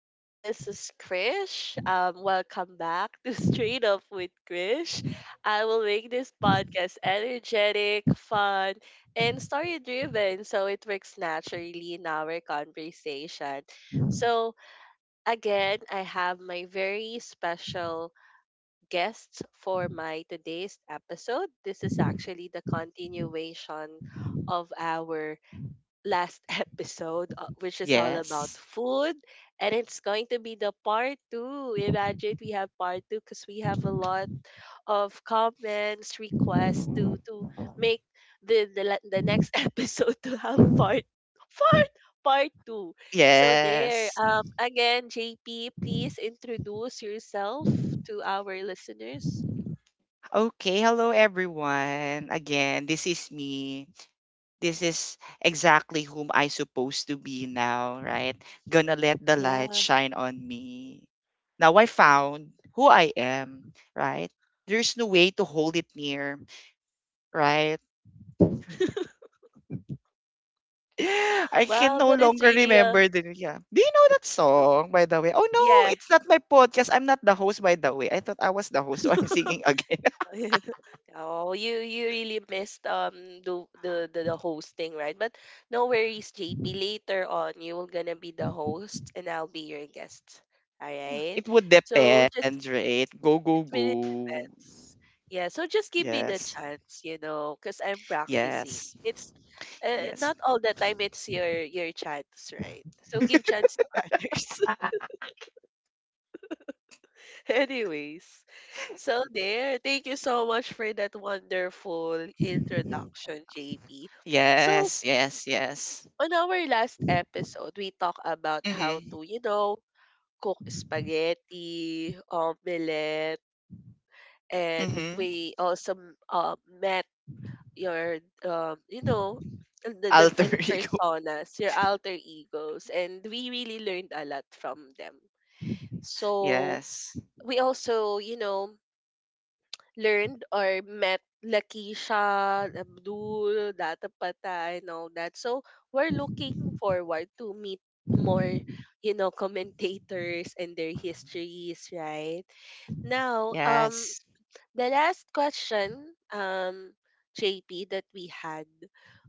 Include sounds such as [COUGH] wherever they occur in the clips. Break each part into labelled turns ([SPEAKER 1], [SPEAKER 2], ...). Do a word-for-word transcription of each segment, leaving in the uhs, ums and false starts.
[SPEAKER 1] again, this is Krish. Um, welcome back to [LAUGHS] Straight Up with Krish. I will make this podcast energetic, fun, and story driven so it works naturally in our conversation. So, Again, I have my very special guest for my today's episode. This is actually the continuation of our last [LAUGHS] episode, uh, which is all about
[SPEAKER 2] Yes.
[SPEAKER 1] food. And it's going to be the part two. Imagine we have part two because we have a lot of comments, requests to to make the the, le- the next [LAUGHS] episode to have part part part two. So there.
[SPEAKER 2] Yes.
[SPEAKER 1] Um again, J P, please introduce yourself to our listeners.
[SPEAKER 2] Okay, hello everyone. Again, this is me. This is exactly whom I supposed to be now, right? Gonna let the light
[SPEAKER 1] Yeah.
[SPEAKER 2] shine on me. Now I found who I am, right? There's no way to hold it near, right?
[SPEAKER 1] [LAUGHS]
[SPEAKER 2] [GASPS] [LAUGHS] I can
[SPEAKER 1] Well,
[SPEAKER 2] no
[SPEAKER 1] that is
[SPEAKER 2] longer
[SPEAKER 1] really a
[SPEAKER 2] remember the yeah. Do you know that song by the way? Oh no,
[SPEAKER 1] yeah.
[SPEAKER 2] it's not my podcast. I'm not the host by the way. I thought I was the host, so I'm [LAUGHS]
[SPEAKER 1] [LAUGHS]
[SPEAKER 2] singing again.
[SPEAKER 1] [LAUGHS] Oh, you you really missed um the, the the the hosting, right? But no worries, J P. Later on, you will gonna be the host, and I'll be your guest. All right.
[SPEAKER 2] It would
[SPEAKER 1] So just
[SPEAKER 2] depend, right? Go, go,
[SPEAKER 1] it really
[SPEAKER 2] go.
[SPEAKER 1] depends. Yeah. So just give me the
[SPEAKER 2] Yes.
[SPEAKER 1] chance, you know, because I'm practicing.
[SPEAKER 2] Yes.
[SPEAKER 1] It's uh,
[SPEAKER 2] Yes.
[SPEAKER 1] not all the time. It's your your chance, right? So give chance to [LAUGHS] others. [LAUGHS] Anyways, so there. Thank you so much for that wonderful introduction, J P. So,
[SPEAKER 2] Yes. Yes. Yes.
[SPEAKER 1] on our last episode, we talked about how
[SPEAKER 2] Mm-hmm.
[SPEAKER 1] to, you know, cook spaghetti, omelette, and
[SPEAKER 2] Mm-hmm.
[SPEAKER 1] we also m- uh met your, um, you know, the
[SPEAKER 2] Alter
[SPEAKER 1] different
[SPEAKER 2] [LAUGHS] ego.
[SPEAKER 1] personas, your alter egos, and we really learned a lot from them. So,
[SPEAKER 2] Yes.
[SPEAKER 1] we also, you know, learned or met Lakeisha, Abdul, Data and all that. So we're looking forward to meet more, you know, [LAUGHS] commentators and their histories, right? Now, um,
[SPEAKER 2] Yes.
[SPEAKER 1] the last question, um, J P, that we had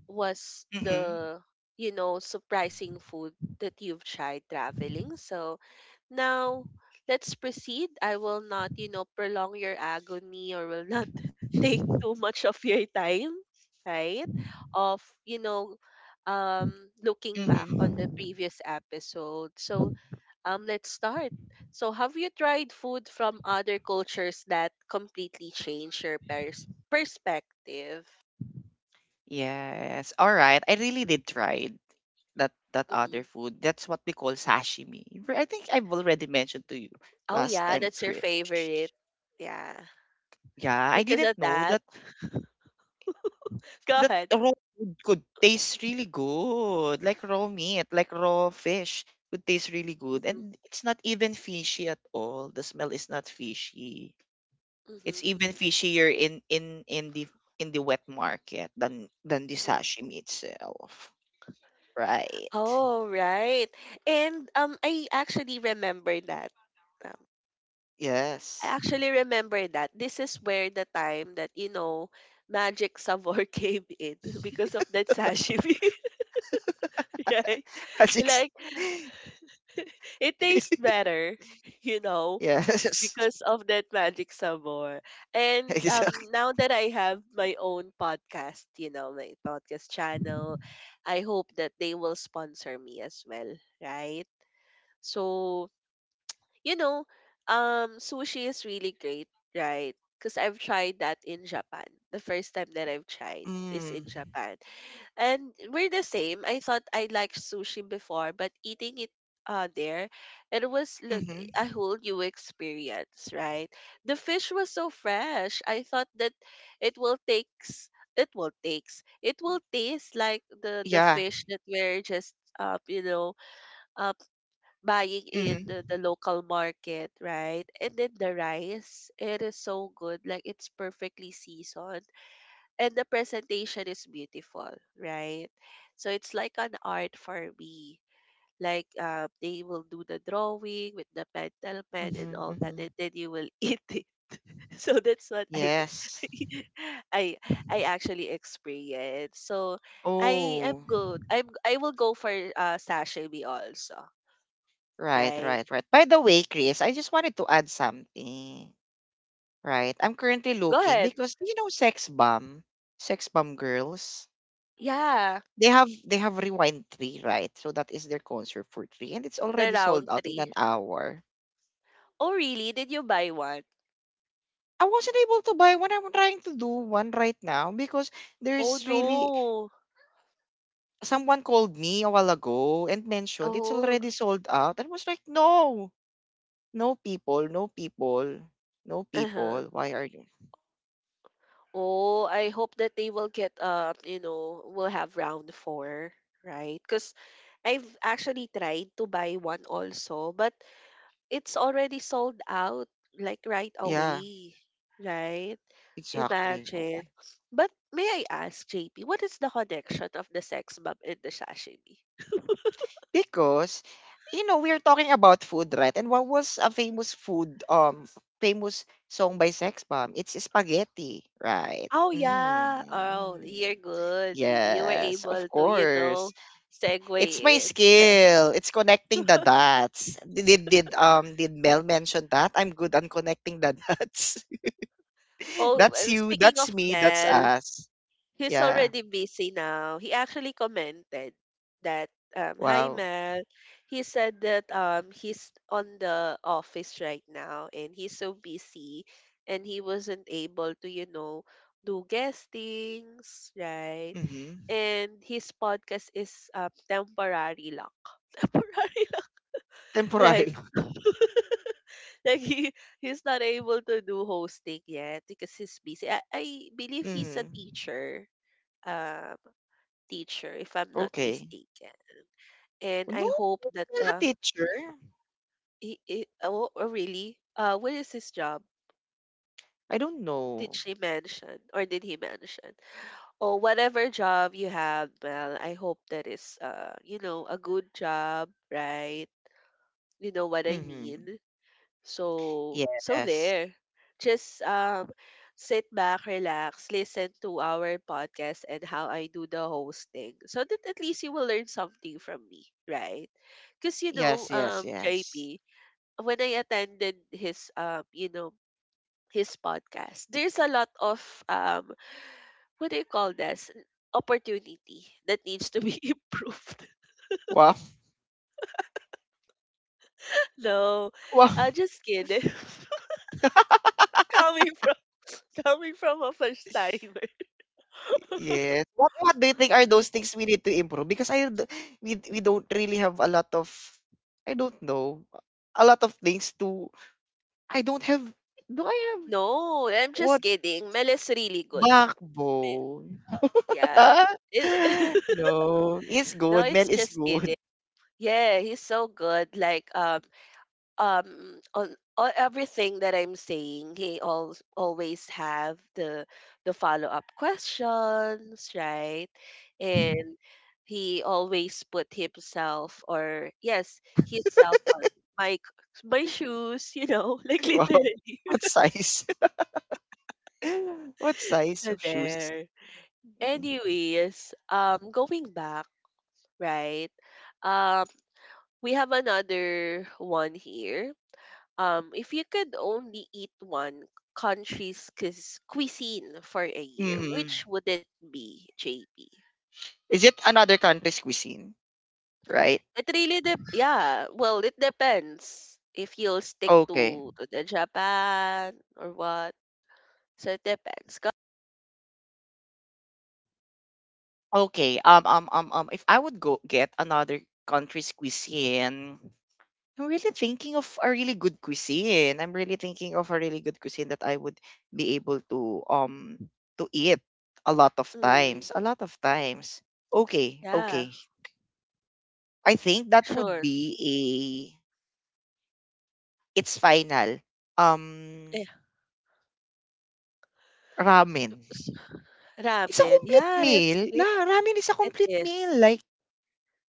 [SPEAKER 1] was
[SPEAKER 2] Mm-hmm.
[SPEAKER 1] the, you know, surprising food that you've tried traveling. So now let's proceed. I will not, you know, prolong your agony or will not [LAUGHS] take too much of your time, right? Of, you know, um looking back on the
[SPEAKER 2] Mm-hmm.
[SPEAKER 1] previous episode. So um, let's start. So, have you tried food from other cultures that completely change your pers- perspective?
[SPEAKER 2] Yes. All right. I really did try that that other
[SPEAKER 1] Hmm
[SPEAKER 2] food. That's what we call sashimi. Re- I think I've already mentioned to you
[SPEAKER 1] Oh,
[SPEAKER 2] last
[SPEAKER 1] yeah,
[SPEAKER 2] time,
[SPEAKER 1] that's your
[SPEAKER 2] Chris.
[SPEAKER 1] favorite. Yeah,
[SPEAKER 2] Yeah, I
[SPEAKER 1] because
[SPEAKER 2] didn't
[SPEAKER 1] of
[SPEAKER 2] know
[SPEAKER 1] that.
[SPEAKER 2] that
[SPEAKER 1] [LAUGHS] Go
[SPEAKER 2] that
[SPEAKER 1] ahead.
[SPEAKER 2] raw food could taste really good, like raw meat, like raw fish would taste really good.
[SPEAKER 1] Hmm
[SPEAKER 2] And it's not even fishy at all. The smell is not fishy. It's even
[SPEAKER 1] hmm
[SPEAKER 2] fishier in in in the in the wet market than than the
[SPEAKER 1] hmm
[SPEAKER 2] sashimi itself. Right.
[SPEAKER 1] Oh, right. And um, I actually remember that. Um, I
[SPEAKER 2] Yes.
[SPEAKER 1] actually remember that. This is where the time that, you know, Magic Savor [LAUGHS] came in because of that sashimi, [LAUGHS] right?
[SPEAKER 2] [LAUGHS] That's ex-
[SPEAKER 1] Like, [LAUGHS] it tastes
[SPEAKER 2] [LAUGHS]
[SPEAKER 1] better, [LAUGHS] you know,
[SPEAKER 2] yes. [LAUGHS]
[SPEAKER 1] because of that magic sabor. And um,
[SPEAKER 2] Exactly.
[SPEAKER 1] now that I have my own podcast, you know, my podcast channel, I hope that they will sponsor me as well, right? So, you know, um, sushi is really great, right? Because I've tried that in Japan. The first time that I've tried is
[SPEAKER 2] Mm.
[SPEAKER 1] in Japan. And we're the same. I thought I liked sushi before, but eating it uh there, it was look
[SPEAKER 2] Mm-hmm.
[SPEAKER 1] a whole new experience, right? The fish was so fresh. I thought that it will takes it will takes it will taste like the the
[SPEAKER 2] Yeah.
[SPEAKER 1] fish that we're just uh you know uh buying in
[SPEAKER 2] Mm-hmm.
[SPEAKER 1] the, the local market, right? And then the rice, it is so good. Like it's perfectly seasoned and the presentation is beautiful, right? So it's like an art for me. Like uh, they will do the drawing with the pentel pen and
[SPEAKER 2] Mm-hmm.
[SPEAKER 1] all that,
[SPEAKER 2] Mm-hmm.
[SPEAKER 1] and then you will [LAUGHS] eat it. So that's what I,
[SPEAKER 2] Yes.
[SPEAKER 1] [LAUGHS] I, I actually experienced. So I am
[SPEAKER 2] Oh,
[SPEAKER 1] good. I'm I will go for uh sashimi also,
[SPEAKER 2] right,
[SPEAKER 1] right?
[SPEAKER 2] right, right. By the way, Chris, I just wanted to add something. Right, I'm currently
[SPEAKER 1] Go
[SPEAKER 2] looking
[SPEAKER 1] ahead.
[SPEAKER 2] because you know, sex bomb, sex bomb girls.
[SPEAKER 1] Yeah,
[SPEAKER 2] They have they have rewind three, right? So that is their concert for three, and it's
[SPEAKER 1] the
[SPEAKER 2] already sold
[SPEAKER 1] round
[SPEAKER 2] out in
[SPEAKER 1] three.
[SPEAKER 2] an hour.
[SPEAKER 1] Oh really? Did you buy one?
[SPEAKER 2] I wasn't able to buy one. I'm trying to do one right now because
[SPEAKER 1] Oh
[SPEAKER 2] there's really
[SPEAKER 1] no.
[SPEAKER 2] someone called me a while ago and mentioned it's
[SPEAKER 1] Oh.
[SPEAKER 2] already sold out. I was like, no, no people, no people, no people.
[SPEAKER 1] Uh-huh.
[SPEAKER 2] Why are you?
[SPEAKER 1] Oh, I hope that they will get um, you know, will have round four, right? Because I've actually tried to buy one also, but it's already sold out like right
[SPEAKER 2] Yeah,
[SPEAKER 1] away, right?
[SPEAKER 2] exactly. Oo.
[SPEAKER 1] Imagine. But may I ask, J P, what is the connection of the sex bomb and the sashimi?
[SPEAKER 2] Because, you know, we're talking about food, right? And what was a famous food, um, f- famous song by Sex Bomb? It's spaghetti, right?
[SPEAKER 1] Oh yeah. Oh, you're
[SPEAKER 2] Mm.
[SPEAKER 1] good. You were
[SPEAKER 2] Yes, of
[SPEAKER 1] able to, you know,
[SPEAKER 2] course. It's my
[SPEAKER 1] segue it. [LAUGHS]
[SPEAKER 2] skill. It's connecting the dots. Did did did, um did Mel mention that? I'm good on connecting the dots. [LAUGHS]
[SPEAKER 1] Oh,
[SPEAKER 2] That's
[SPEAKER 1] and
[SPEAKER 2] you.
[SPEAKER 1] speaking
[SPEAKER 2] That's
[SPEAKER 1] of
[SPEAKER 2] me. That's
[SPEAKER 1] Mel,
[SPEAKER 2] us.
[SPEAKER 1] he's
[SPEAKER 2] Yeah.
[SPEAKER 1] already busy now. He actually commented that, um, "Hi,
[SPEAKER 2] Wow.
[SPEAKER 1] Mel." He said that um, he's on the office right now and he's so busy and he wasn't able to, you know, do guestings, right?
[SPEAKER 2] Mm-hmm.
[SPEAKER 1] And his podcast is um, temporary lang. [LAUGHS] Temporary lang.
[SPEAKER 2] Temporary.
[SPEAKER 1] Like, like he, he's not able to do hosting yet because he's busy. I, I believe
[SPEAKER 2] [LAUGHS]
[SPEAKER 1] he's a
[SPEAKER 2] Mm-hmm.
[SPEAKER 1] teacher. Um, Teacher, if I'm not
[SPEAKER 2] Okay.
[SPEAKER 1] mistaken. And
[SPEAKER 2] No,
[SPEAKER 1] I hope
[SPEAKER 2] well,
[SPEAKER 1] that
[SPEAKER 2] a
[SPEAKER 1] uh,
[SPEAKER 2] teacher?
[SPEAKER 1] he, he oh, oh really? Uh, what is his job?
[SPEAKER 2] I don't
[SPEAKER 1] Did
[SPEAKER 2] know.
[SPEAKER 1] she mention or did he mention? Oh, whatever job you have, well, I hope that is uh, you know, a good job, right? You know what I
[SPEAKER 2] Mm-hmm.
[SPEAKER 1] mean? So so
[SPEAKER 2] Yes.
[SPEAKER 1] there. Just um sit back, relax, listen to our podcast and how I do the hosting. So that at least you will learn something from me, right? Because you know,
[SPEAKER 2] Yes, yes,
[SPEAKER 1] um
[SPEAKER 2] yes.
[SPEAKER 1] J P, when I attended his um, you know, his podcast, there's a lot of um what do you call this? Opportunity that needs to be [LAUGHS] improved.
[SPEAKER 2] Wow. [LAUGHS]
[SPEAKER 1] No,
[SPEAKER 2] Wow.
[SPEAKER 1] uh, just kidding. [LAUGHS] coming from Coming from a first timer. [LAUGHS]
[SPEAKER 2] Yes. What what do you think are
[SPEAKER 1] Mm,
[SPEAKER 2] those things we need to improve? Because I d- we we don't really have a lot of I don't know. A lot of things to I don't have do I have
[SPEAKER 1] no, I'm just
[SPEAKER 2] what
[SPEAKER 1] kidding. Mel is really good. Me-
[SPEAKER 2] backbone?
[SPEAKER 1] Yeah.
[SPEAKER 2] [LAUGHS]
[SPEAKER 1] It- [LAUGHS]
[SPEAKER 2] No. It's
[SPEAKER 1] no,
[SPEAKER 2] good. Mel
[SPEAKER 1] it's
[SPEAKER 2] is
[SPEAKER 1] just
[SPEAKER 2] good.
[SPEAKER 1] kidding. Yeah, he's so good. Like um um on, on everything that I'm saying, he al always have the the follow-up questions, right? And he always put himself or yes, himself on my c- my shoes, you know, [LAUGHS] like
[SPEAKER 2] [LAUGHS] Wow.
[SPEAKER 1] literally.
[SPEAKER 2] What
[SPEAKER 1] [LAUGHS]
[SPEAKER 2] size? [LAUGHS] What size
[SPEAKER 1] So
[SPEAKER 2] of shoes?
[SPEAKER 1] there. Anyways, um, going back, right? Um, we have another one here. Um, if you could only eat one country's cuis- cuisine for a year, which
[SPEAKER 2] Mhm.
[SPEAKER 1] would it be, J P?
[SPEAKER 2] Is it another country's cuisine, right?
[SPEAKER 1] It really dep Yeah, well, it depends if you'll stick
[SPEAKER 2] Okay.
[SPEAKER 1] to, to the Japan or what. So it depends. Ka-
[SPEAKER 2] Okay. Um, um, um, um, if I would go get another country's cuisine, I'm really thinking of a really good cuisine. I'm really thinking of a really good cuisine that I would be able to um to eat a lot of
[SPEAKER 1] Mm,
[SPEAKER 2] times. A lot of times. Okay,
[SPEAKER 1] yeah,
[SPEAKER 2] okay. I think that would
[SPEAKER 1] sure.
[SPEAKER 2] be a it's final. Um
[SPEAKER 1] Yeah.
[SPEAKER 2] ramen.
[SPEAKER 1] s-
[SPEAKER 2] It's a
[SPEAKER 1] Ramen.
[SPEAKER 2] complete
[SPEAKER 1] Yeah, it's
[SPEAKER 2] meal.
[SPEAKER 1] good.
[SPEAKER 2] La ramen is a
[SPEAKER 1] It
[SPEAKER 2] complete
[SPEAKER 1] is.
[SPEAKER 2] meal, like,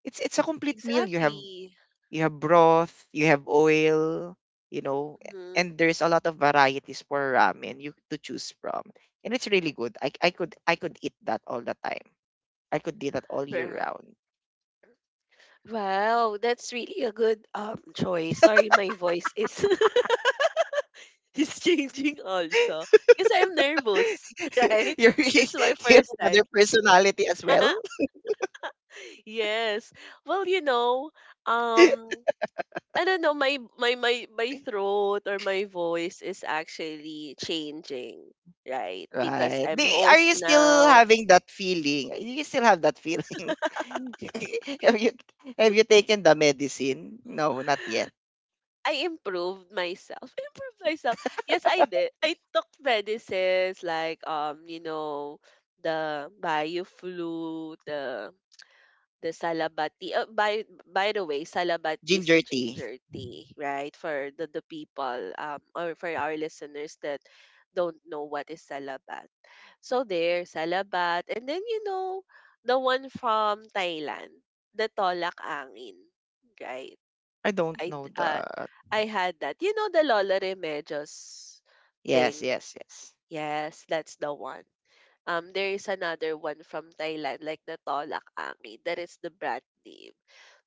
[SPEAKER 2] it's it's a complete meal. You have
[SPEAKER 1] Exactly.
[SPEAKER 2] you have broth, you have oil, you know,
[SPEAKER 1] Mhm.
[SPEAKER 2] and there's a lot of varieties for ramen you to choose from. And it's really good. I I could I could eat that all the time. I could do that all year
[SPEAKER 1] Right.
[SPEAKER 2] round.
[SPEAKER 1] Wow, that's really a good um choice. Sorry, my voice is [LAUGHS] is changing also because I'm nervous,
[SPEAKER 2] [LAUGHS]
[SPEAKER 1] [LAUGHS] right?
[SPEAKER 2] You're [LAUGHS]
[SPEAKER 1] It's my
[SPEAKER 2] you have
[SPEAKER 1] first time.
[SPEAKER 2] another personality as well?
[SPEAKER 1] [LAUGHS] yes. Well, you know,
[SPEAKER 2] [LAUGHS]
[SPEAKER 1] um, I don't know. My my my my throat or my voice is actually changing, right? Because
[SPEAKER 2] Right. Do,
[SPEAKER 1] I'm
[SPEAKER 2] are
[SPEAKER 1] host
[SPEAKER 2] you still
[SPEAKER 1] now.
[SPEAKER 2] having that feeling? [LAUGHS] Do you still have that feeling? [LAUGHS] Have you have you taken the medicine? No, not yet.
[SPEAKER 1] [LAUGHS] I improved myself. [LAUGHS] I improved myself. Yes, I did. I took medicines like um, you know, the Bioflu, the the salabati. Uh, by by the way, salabati is a
[SPEAKER 2] Ginger tea.
[SPEAKER 1] ginger tea, right? For the the people um or for our listeners that don't know what is salabat. So there, salabat, and then you know the one from Thailand, the tolak angin, right?
[SPEAKER 2] I don't
[SPEAKER 1] I
[SPEAKER 2] know
[SPEAKER 1] d- uh,
[SPEAKER 2] that.
[SPEAKER 1] I had that. You know the Lola Remedios thing?
[SPEAKER 2] Yes, yes, yes.
[SPEAKER 1] Yes, that's the one. Um, there is another one from Thailand, like the Tolak Ami. That is the brand name.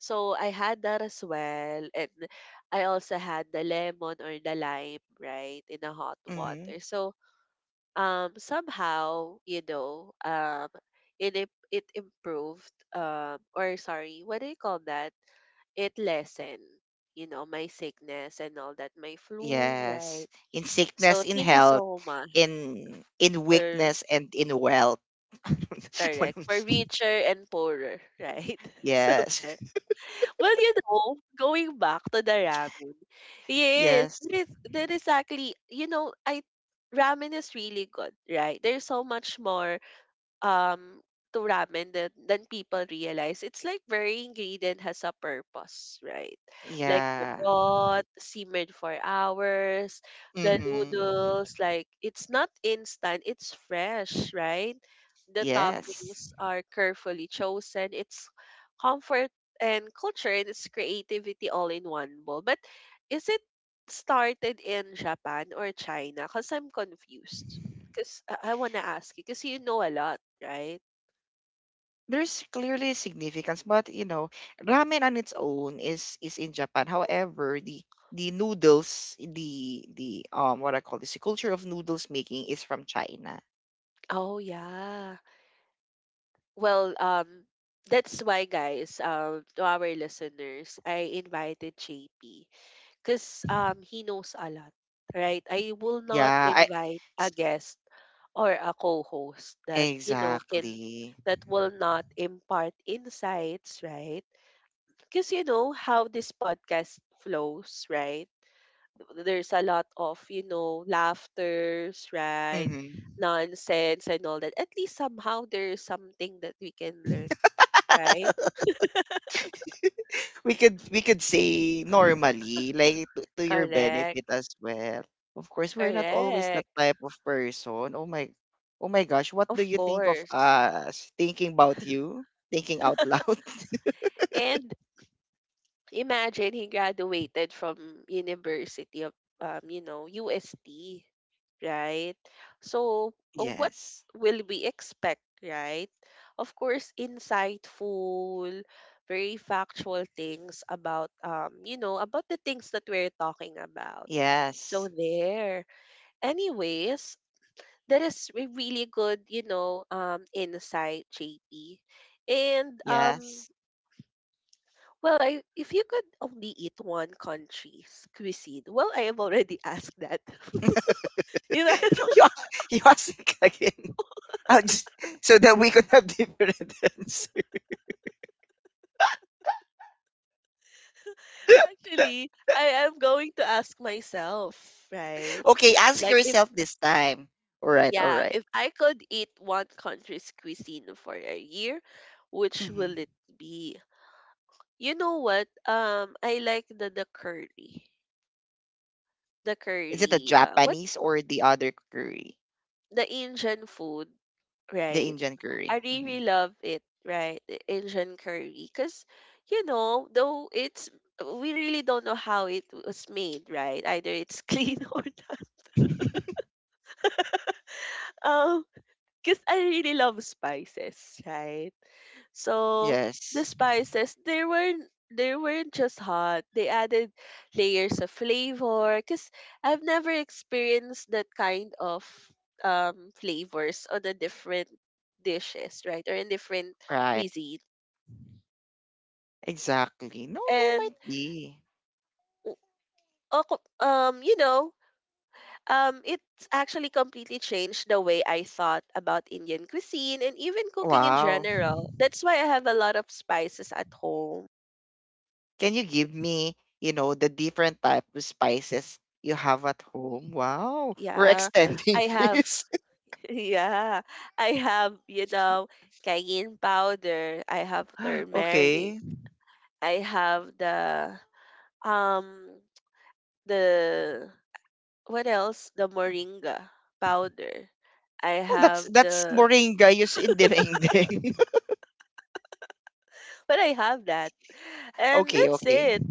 [SPEAKER 1] So I had that as well. And I also had the lemon or the lime, right, in a hot
[SPEAKER 2] Mm-hmm.
[SPEAKER 1] water. So um, somehow, you know, um, it, im- it improved, um, or sorry, what do you call that? It lessened, you know, my sickness and all that, my flu,
[SPEAKER 2] Yes.
[SPEAKER 1] right?
[SPEAKER 2] In
[SPEAKER 1] So
[SPEAKER 2] sickness, in
[SPEAKER 1] thank you
[SPEAKER 2] health,
[SPEAKER 1] so much
[SPEAKER 2] in in
[SPEAKER 1] for
[SPEAKER 2] weakness and in wealth. [LAUGHS] One
[SPEAKER 1] correct for
[SPEAKER 2] of-
[SPEAKER 1] richer and poorer, right? [LAUGHS] So
[SPEAKER 2] yes.
[SPEAKER 1] there. Well, you know, going back to the ramen, yes,
[SPEAKER 2] Yes.
[SPEAKER 1] that is that is actually, you know, I ramen is really good, right? There's so much more um to ramen than than people realize. It's like every ingredient has a purpose, right? Like the
[SPEAKER 2] Yeah.
[SPEAKER 1] broth simmered for hours, the
[SPEAKER 2] Mm-hmm.
[SPEAKER 1] noodles, like it's not instant, it's fresh, right? The
[SPEAKER 2] Yes.
[SPEAKER 1] toppings are carefully chosen. It's comfort and culture and it's creativity all in one bowl. But is it started in Japan or China? Because I'm confused. 'Cause I, I wanna ask you, cause you know a lot, right?
[SPEAKER 2] There's clearly significance, but you know, ramen on its own is is in Japan. However, the the noodles, the the um what I call this, the culture of noodles making is from China.
[SPEAKER 1] Oh yeah. Well, um, that's why, guys, um, to our listeners, I invited J P because um he knows a lot, right? I will not
[SPEAKER 2] Yeah, I
[SPEAKER 1] invite a guest or a co-host that you know can
[SPEAKER 2] exactly.
[SPEAKER 1] that will not impart insights, right? Because you know how this podcast flows, right? There's a lot of you know laughters right
[SPEAKER 2] Mm-hmm.
[SPEAKER 1] nonsense and all that at least somehow there's something that we can learn right
[SPEAKER 2] [LAUGHS] We could we could say normally like to, to your benefit
[SPEAKER 1] correct
[SPEAKER 2] as well of course we're not always that
[SPEAKER 1] correct
[SPEAKER 2] type of person. Oh my. Oh my gosh, what do
[SPEAKER 1] of
[SPEAKER 2] you think of
[SPEAKER 1] course
[SPEAKER 2] us thinking about you thinking out loud?
[SPEAKER 1] and imagine he graduated from University of um, you know, U S T, right? So
[SPEAKER 2] [LAUGHS]
[SPEAKER 1] uh, what
[SPEAKER 2] Yes,
[SPEAKER 1] will we expect, right? Of course, insightful, very factual things about um, you know, about the things that we're talking about. So
[SPEAKER 2] yes,
[SPEAKER 1] there. Anyways, that is a really good, you know, um insight, J P. And um
[SPEAKER 2] yes.
[SPEAKER 1] well, I, if you could only eat one country's cuisine, well, I have already asked that. [LAUGHS] you know,
[SPEAKER 2] [LAUGHS] No, you, a- you ask it again. [LAUGHS] I'll just, so that we could have different [LAUGHS] answers.
[SPEAKER 1] [LAUGHS] actually, I am going to ask myself, right?
[SPEAKER 2] [LAUGHS] Okay, ask
[SPEAKER 1] Like, if,
[SPEAKER 2] yourself this time. All right, all
[SPEAKER 1] yeah,
[SPEAKER 2] right.
[SPEAKER 1] if I could eat one country's cuisine for a year, which will
[SPEAKER 2] Mhm.
[SPEAKER 1] it be? You know what? Um, I like the, the curry. The
[SPEAKER 2] Is it a
[SPEAKER 1] curry. Uh, what
[SPEAKER 2] Japanese or the other curry?
[SPEAKER 1] the Indian food,
[SPEAKER 2] The
[SPEAKER 1] right?
[SPEAKER 2] Indian
[SPEAKER 1] I
[SPEAKER 2] curry.
[SPEAKER 1] really
[SPEAKER 2] Mhm.
[SPEAKER 1] love it, right? The Asian curry. Because, you know, though it's, we really don't know how it was made, right? Either it's [LAUGHS] clean or not.
[SPEAKER 2] [LAUGHS]
[SPEAKER 1] Um, because I really love spices, right? So the
[SPEAKER 2] Yes,
[SPEAKER 1] spices they weren't they weren't just hot. They added layers of flavor cuz I've never experienced that kind of um flavors on the different dishes, right? Or in different
[SPEAKER 2] right.
[SPEAKER 1] cuisine.
[SPEAKER 2] Exactly. No, there
[SPEAKER 1] And
[SPEAKER 2] might be.
[SPEAKER 1] w- ako- um you know, um It's actually completely changed the way I thought about Indian cuisine and even cooking in
[SPEAKER 2] Wow.
[SPEAKER 1] general. That's why I have a lot of spices at home.
[SPEAKER 2] Can you give me, you know, the different type of spices you have at home? Wow. We're
[SPEAKER 1] Yeah.
[SPEAKER 2] extending
[SPEAKER 1] I
[SPEAKER 2] [LAUGHS]
[SPEAKER 1] have
[SPEAKER 2] this.
[SPEAKER 1] Yeah, I have, you know, cayenne powder. I have
[SPEAKER 2] [LAUGHS]
[SPEAKER 1] turmeric.
[SPEAKER 2] Okay.
[SPEAKER 1] I have the um the what else? The moringa powder. I
[SPEAKER 2] Oh, that's
[SPEAKER 1] have
[SPEAKER 2] that's
[SPEAKER 1] the
[SPEAKER 2] moringa used in dinengdeng.
[SPEAKER 1] but I have that.
[SPEAKER 2] [LAUGHS]
[SPEAKER 1] And
[SPEAKER 2] Okay,
[SPEAKER 1] that's
[SPEAKER 2] okay.
[SPEAKER 1] it.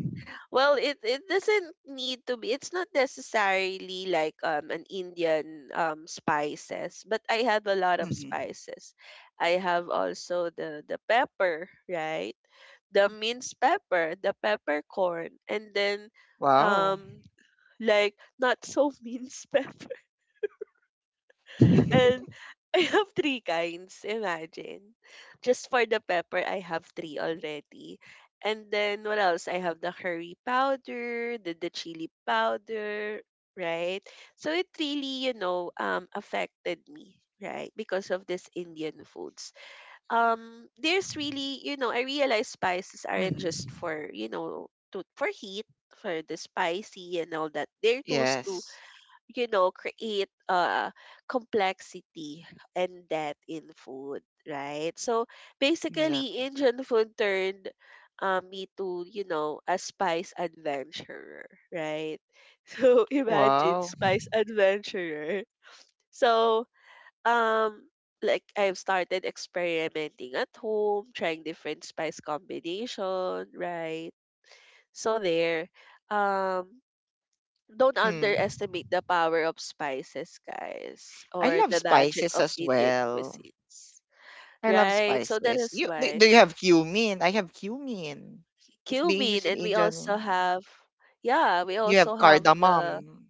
[SPEAKER 1] Well, it it doesn't need to be. It's not necessarily like um an Indian um spices, but I have a lot of
[SPEAKER 2] Hmm.
[SPEAKER 1] spices. I have also the the pepper, right? The minced pepper, the peppercorn, and then
[SPEAKER 2] Wow.
[SPEAKER 1] um like not so [LAUGHS] minced pepper. And
[SPEAKER 2] [LAUGHS]
[SPEAKER 1] [LAUGHS] I have three kinds, imagine. Just for the pepper, I have three already. And then what else? I have the curry powder, the, the chili powder, right? So it really, you know, um affected me, right? Because of this Indian foods. Um there's really, you know, I realize spices aren't
[SPEAKER 2] Mhm.
[SPEAKER 1] just for, you know, to for heat, for the spicy and all that. They're tools to,
[SPEAKER 2] Yes.
[SPEAKER 1] you know, create uh, complexity and depth in food, right? So basically,
[SPEAKER 2] Exactly.
[SPEAKER 1] Indian food turned uh, me to, you know, a spice adventurer, right? [LAUGHS] So imagine
[SPEAKER 2] Wow.
[SPEAKER 1] spice adventurer. So, um, like I've started experimenting at home, trying different spice combination, right? So there. Um, don't
[SPEAKER 2] Mm.
[SPEAKER 1] underestimate the power of spices, guys,
[SPEAKER 2] I
[SPEAKER 1] or
[SPEAKER 2] love
[SPEAKER 1] the magic
[SPEAKER 2] spices
[SPEAKER 1] of
[SPEAKER 2] as
[SPEAKER 1] Indian
[SPEAKER 2] well.
[SPEAKER 1] cuisines.
[SPEAKER 2] I love
[SPEAKER 1] Right? So that
[SPEAKER 2] spices.
[SPEAKER 1] is
[SPEAKER 2] You do,
[SPEAKER 1] why
[SPEAKER 2] do you have cumin? I have cumin. It's being
[SPEAKER 1] cumin,
[SPEAKER 2] used in
[SPEAKER 1] and we also
[SPEAKER 2] Indian.
[SPEAKER 1] have, yeah, we
[SPEAKER 2] You
[SPEAKER 1] also
[SPEAKER 2] have
[SPEAKER 1] have the.
[SPEAKER 2] cardamom.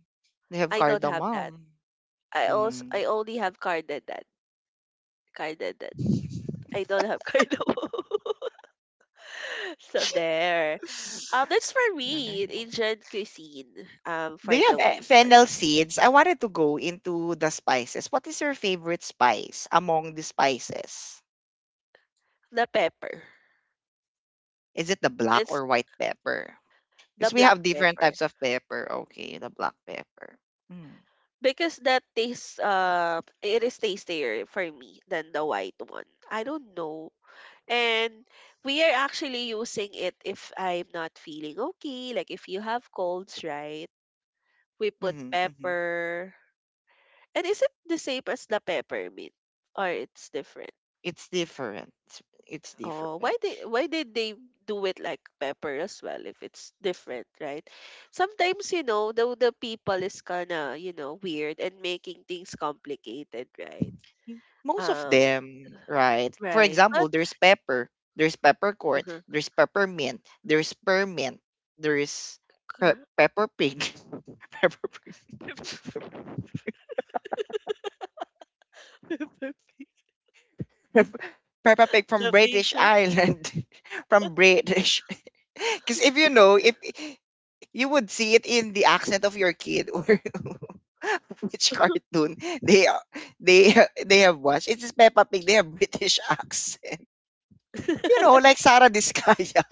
[SPEAKER 2] They have
[SPEAKER 1] I don't have that.
[SPEAKER 2] cardamom.
[SPEAKER 1] I also
[SPEAKER 2] Mm,
[SPEAKER 1] I only have cardamom. Cardamom. I don't have [LAUGHS] cardamom. So there. Um, that's for
[SPEAKER 2] okay.
[SPEAKER 1] me. Asian cuisine. Um,
[SPEAKER 2] Do
[SPEAKER 1] for
[SPEAKER 2] you have
[SPEAKER 1] the
[SPEAKER 2] eh,
[SPEAKER 1] win. For me.
[SPEAKER 2] fennel seeds? I wanted to go into the spices. What is your favorite spice among the spices?
[SPEAKER 1] The pepper.
[SPEAKER 2] Is it the black
[SPEAKER 1] That's
[SPEAKER 2] or white pepper?
[SPEAKER 1] the
[SPEAKER 2] Because we
[SPEAKER 1] black
[SPEAKER 2] have different
[SPEAKER 1] pepper.
[SPEAKER 2] types of pepper. Okay, the black pepper. Mm,
[SPEAKER 1] Because that tastes uh it is tastier for me than the white one. I don't know. And we are actually using it if I'm not feeling okay, like if you have colds, right? We put
[SPEAKER 2] hmm, hmm.
[SPEAKER 1] pepper. And is it the same as the peppermint or it's different?
[SPEAKER 2] It's different. It's
[SPEAKER 1] Oh,
[SPEAKER 2] different.
[SPEAKER 1] why did why did they do it like pepper as well if it's different, right? Sometimes you know the the people is kind of, you know, weird and making things complicated, right?
[SPEAKER 2] Most of
[SPEAKER 1] Um,
[SPEAKER 2] them, right? For
[SPEAKER 1] right.
[SPEAKER 2] example,
[SPEAKER 1] But
[SPEAKER 2] there's pepper, there's peppercorn,
[SPEAKER 1] uh-huh.
[SPEAKER 2] there's peppermint, there's permint, there's pe- pepper pig, [LAUGHS] pepper pig,
[SPEAKER 1] [LAUGHS]
[SPEAKER 2] pep- pepper pig from
[SPEAKER 1] The big
[SPEAKER 2] British
[SPEAKER 1] one.
[SPEAKER 2] Island, [LAUGHS] from British. [LAUGHS] Because if you know, if you would see it in the accent of your kid or [LAUGHS] which cartoon they are- they they have watched, it's Peppa Pig. They have British [LAUGHS] accent. You know, like Sarah Discaya.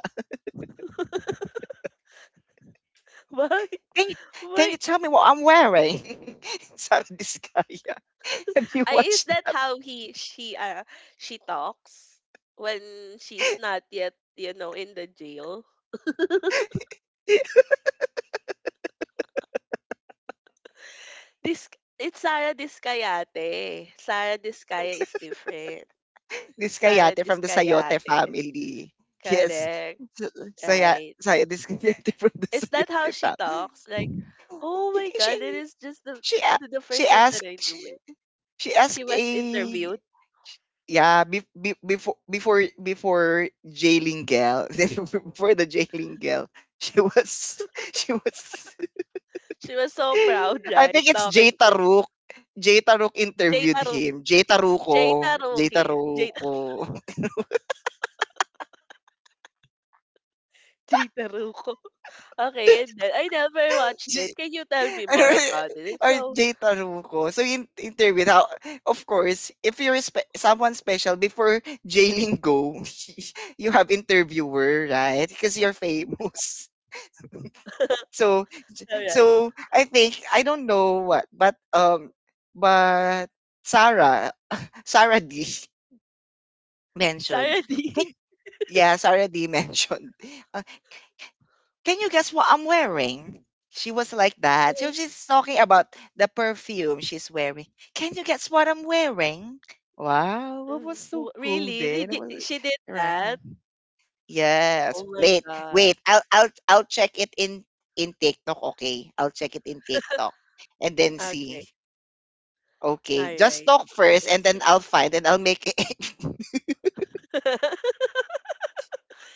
[SPEAKER 1] [LAUGHS] Why?
[SPEAKER 2] Can you can
[SPEAKER 1] Why?
[SPEAKER 2] you tell me what I'm wearing? [LAUGHS] Sabi ni Skaya. [LAUGHS] Have you
[SPEAKER 1] I, is
[SPEAKER 2] watched
[SPEAKER 1] that how he she uh she talks when she's not yet you know in the jail.
[SPEAKER 2] [LAUGHS]
[SPEAKER 1] This It's Sarah Discayate. Sarah Discaya is different. It's
[SPEAKER 2] this
[SPEAKER 1] Sarah
[SPEAKER 2] Kayate from the Sayote
[SPEAKER 1] Discayate.
[SPEAKER 2] family? Yes.
[SPEAKER 1] Correct.
[SPEAKER 2] So- Saya,
[SPEAKER 1] Right.
[SPEAKER 2] Saya, this Kayate from the
[SPEAKER 1] Is that how
[SPEAKER 2] Sayote
[SPEAKER 1] she
[SPEAKER 2] family.
[SPEAKER 1] talks? Like, oh my
[SPEAKER 2] [LAUGHS]
[SPEAKER 1] god, it
[SPEAKER 2] She,
[SPEAKER 1] is just the
[SPEAKER 2] she, a-
[SPEAKER 1] the the
[SPEAKER 2] she
[SPEAKER 1] first time that
[SPEAKER 2] asked,
[SPEAKER 1] I knew
[SPEAKER 2] she,
[SPEAKER 1] it.
[SPEAKER 2] she
[SPEAKER 1] She
[SPEAKER 2] asked
[SPEAKER 1] was
[SPEAKER 2] a,
[SPEAKER 1] interviewed.
[SPEAKER 2] yeah, be, be, before, before, before jailing girl, [LAUGHS] before the jailing girl, she was, [LAUGHS] she was
[SPEAKER 1] She was so proud,
[SPEAKER 2] [LAUGHS] I
[SPEAKER 1] right?
[SPEAKER 2] think it's Jay
[SPEAKER 1] Talking in
[SPEAKER 2] Taruk. Jay Taruk
[SPEAKER 1] Jay
[SPEAKER 2] interviewed
[SPEAKER 1] Taru
[SPEAKER 2] him. Jay
[SPEAKER 1] Jay
[SPEAKER 2] Taruko. Jay
[SPEAKER 1] Taruki. Jay Ta
[SPEAKER 2] Taruko.
[SPEAKER 1] [LAUGHS] Jay Taruco. Okay, and
[SPEAKER 2] [LAUGHS]
[SPEAKER 1] then I never watched it.
[SPEAKER 2] J-
[SPEAKER 1] Can you tell me
[SPEAKER 2] ano,
[SPEAKER 1] more about it? It's
[SPEAKER 2] or
[SPEAKER 1] so
[SPEAKER 2] Jay Taruko. So in interviewed how of course, if you're spe- someone special before jailing go, [LAUGHS] you have interviewer, right? Because you're famous. [LAUGHS] So
[SPEAKER 1] alright.
[SPEAKER 2] so I think I don't know what, but um but Sarah [LAUGHS] Sarah D [LAUGHS] mentioned,
[SPEAKER 1] Sara
[SPEAKER 2] can
[SPEAKER 1] D.
[SPEAKER 2] yes, already [LAUGHS] mentioned. Uh, can you guess what I'm wearing? She was like that. So she's talking about the perfume she's wearing. Can you guess what I'm wearing?
[SPEAKER 1] [LAUGHS]
[SPEAKER 2] Wow, it was
[SPEAKER 1] Mm,
[SPEAKER 2] so
[SPEAKER 1] w
[SPEAKER 2] cool
[SPEAKER 1] really? They
[SPEAKER 2] then. It
[SPEAKER 1] did
[SPEAKER 2] was
[SPEAKER 1] she did
[SPEAKER 2] right.
[SPEAKER 1] that?
[SPEAKER 2] Yes.
[SPEAKER 1] Oh my
[SPEAKER 2] Wait,
[SPEAKER 1] god.
[SPEAKER 2] wait. I'll I'll I'll check it in in TikTok. Okay, I'll check it in TikTok and then see.
[SPEAKER 1] Okay.
[SPEAKER 2] Okay, just
[SPEAKER 1] Alright.
[SPEAKER 2] talk first, and
[SPEAKER 1] Let's
[SPEAKER 2] then
[SPEAKER 1] check.
[SPEAKER 2] I'll find and I'll make it. [LAUGHS]
[SPEAKER 1] [LAUGHS]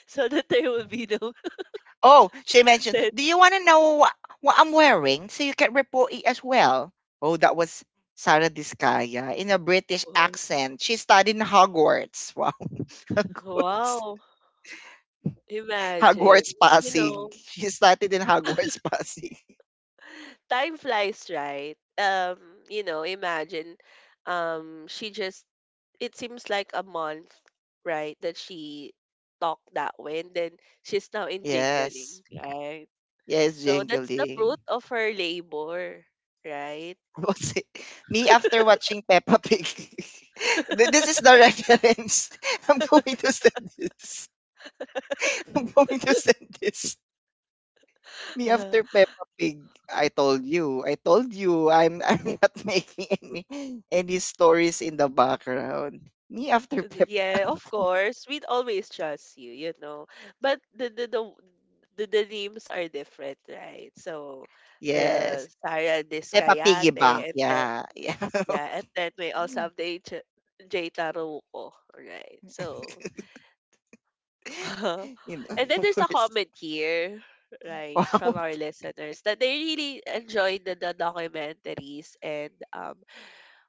[SPEAKER 1] So that there will be no
[SPEAKER 2] Oh, she
[SPEAKER 1] [LAUGHS]
[SPEAKER 2] mentioned,
[SPEAKER 1] dead.
[SPEAKER 2] "Do you want to know what, what I'm wearing so you can report it as well?" Oh, that was Sarah Diskaya in a British accent. She studied in Hogwarts. Wow, [LAUGHS] Hogwarts.
[SPEAKER 1] Wow. Imagine.
[SPEAKER 2] Hogwarts
[SPEAKER 1] You know
[SPEAKER 2] passing. She studied in Hogwarts passing. [LAUGHS]
[SPEAKER 1] time flies, right? Um, you know, imagine um she just it seems like a month, right, that she talked that way and then she's now in
[SPEAKER 2] Yes.
[SPEAKER 1] jingling, right?
[SPEAKER 2] Yes,
[SPEAKER 1] So that's the
[SPEAKER 2] jingling.
[SPEAKER 1] fruit of her labor, right?
[SPEAKER 2] [LAUGHS] What was it? Me after watching Peppa Pig. [LAUGHS] Th- this is the reference. [LAUGHS] I'm going to send this. [LAUGHS] I'm going to send this. Me after
[SPEAKER 1] [LAUGHS]
[SPEAKER 2] Peppa Pig, I told you, I told you, I'm [LAUGHS] I'm not making any any stories in the background. Me after Pep,
[SPEAKER 1] Yeah, of course. We'd always trust you, you know. But the the the the, the names are different, right? So
[SPEAKER 2] yes,
[SPEAKER 1] the Sarah
[SPEAKER 2] Peppa
[SPEAKER 1] Discayate
[SPEAKER 2] Piggy Bank,
[SPEAKER 1] and then
[SPEAKER 2] yeah, yeah.
[SPEAKER 1] yeah, and then we also have the ancient Jay Taruco, right? So,
[SPEAKER 2] [LAUGHS]
[SPEAKER 1] [LAUGHS]
[SPEAKER 2] You know,
[SPEAKER 1] and then
[SPEAKER 2] of
[SPEAKER 1] there's a
[SPEAKER 2] course.
[SPEAKER 1] comment here,
[SPEAKER 2] [LAUGHS]
[SPEAKER 1] right,
[SPEAKER 2] Wow,
[SPEAKER 1] from our listeners that they really enjoyed the, the documentaries and um,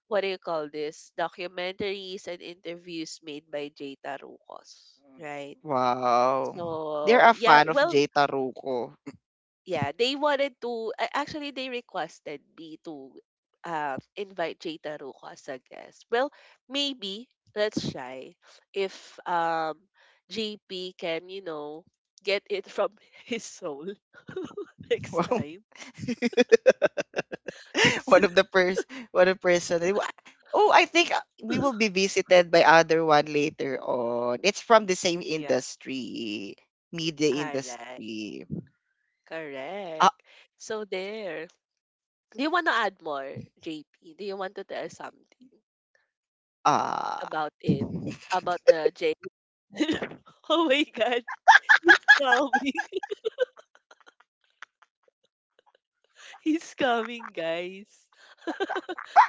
[SPEAKER 1] what do you call this? Documentaries and interviews made by Jay Tarucos, right?
[SPEAKER 2] wow. They're a
[SPEAKER 1] So, yeah,
[SPEAKER 2] fan of
[SPEAKER 1] well
[SPEAKER 2] Jay Taruco. [LAUGHS]
[SPEAKER 1] yeah, they wanted to a- actually they requested me to uh, invite Jada Ruco as a guest. Well, maybe let's try if um J P can, you know, get it from [LAUGHS] his soul [LAUGHS] next
[SPEAKER 2] Wow.
[SPEAKER 1] time.
[SPEAKER 2] [LAUGHS] [LAUGHS]
[SPEAKER 1] 'Cause-
[SPEAKER 2] one of the pers one of person. They wa- Oh, I think uh, we will be
[SPEAKER 1] [LAUGHS]
[SPEAKER 2] visited by other one later on. It's from the same
[SPEAKER 1] yeah,
[SPEAKER 2] industry,
[SPEAKER 1] all
[SPEAKER 2] media
[SPEAKER 1] right.
[SPEAKER 2] industry. Ah,
[SPEAKER 1] Correct. So there. Do you want to add more, J P? Do you want to tell something
[SPEAKER 2] ah,
[SPEAKER 1] about it? About the J? [LAUGHS] Oh my God. [LAUGHS] Please tell me. He's coming, guys.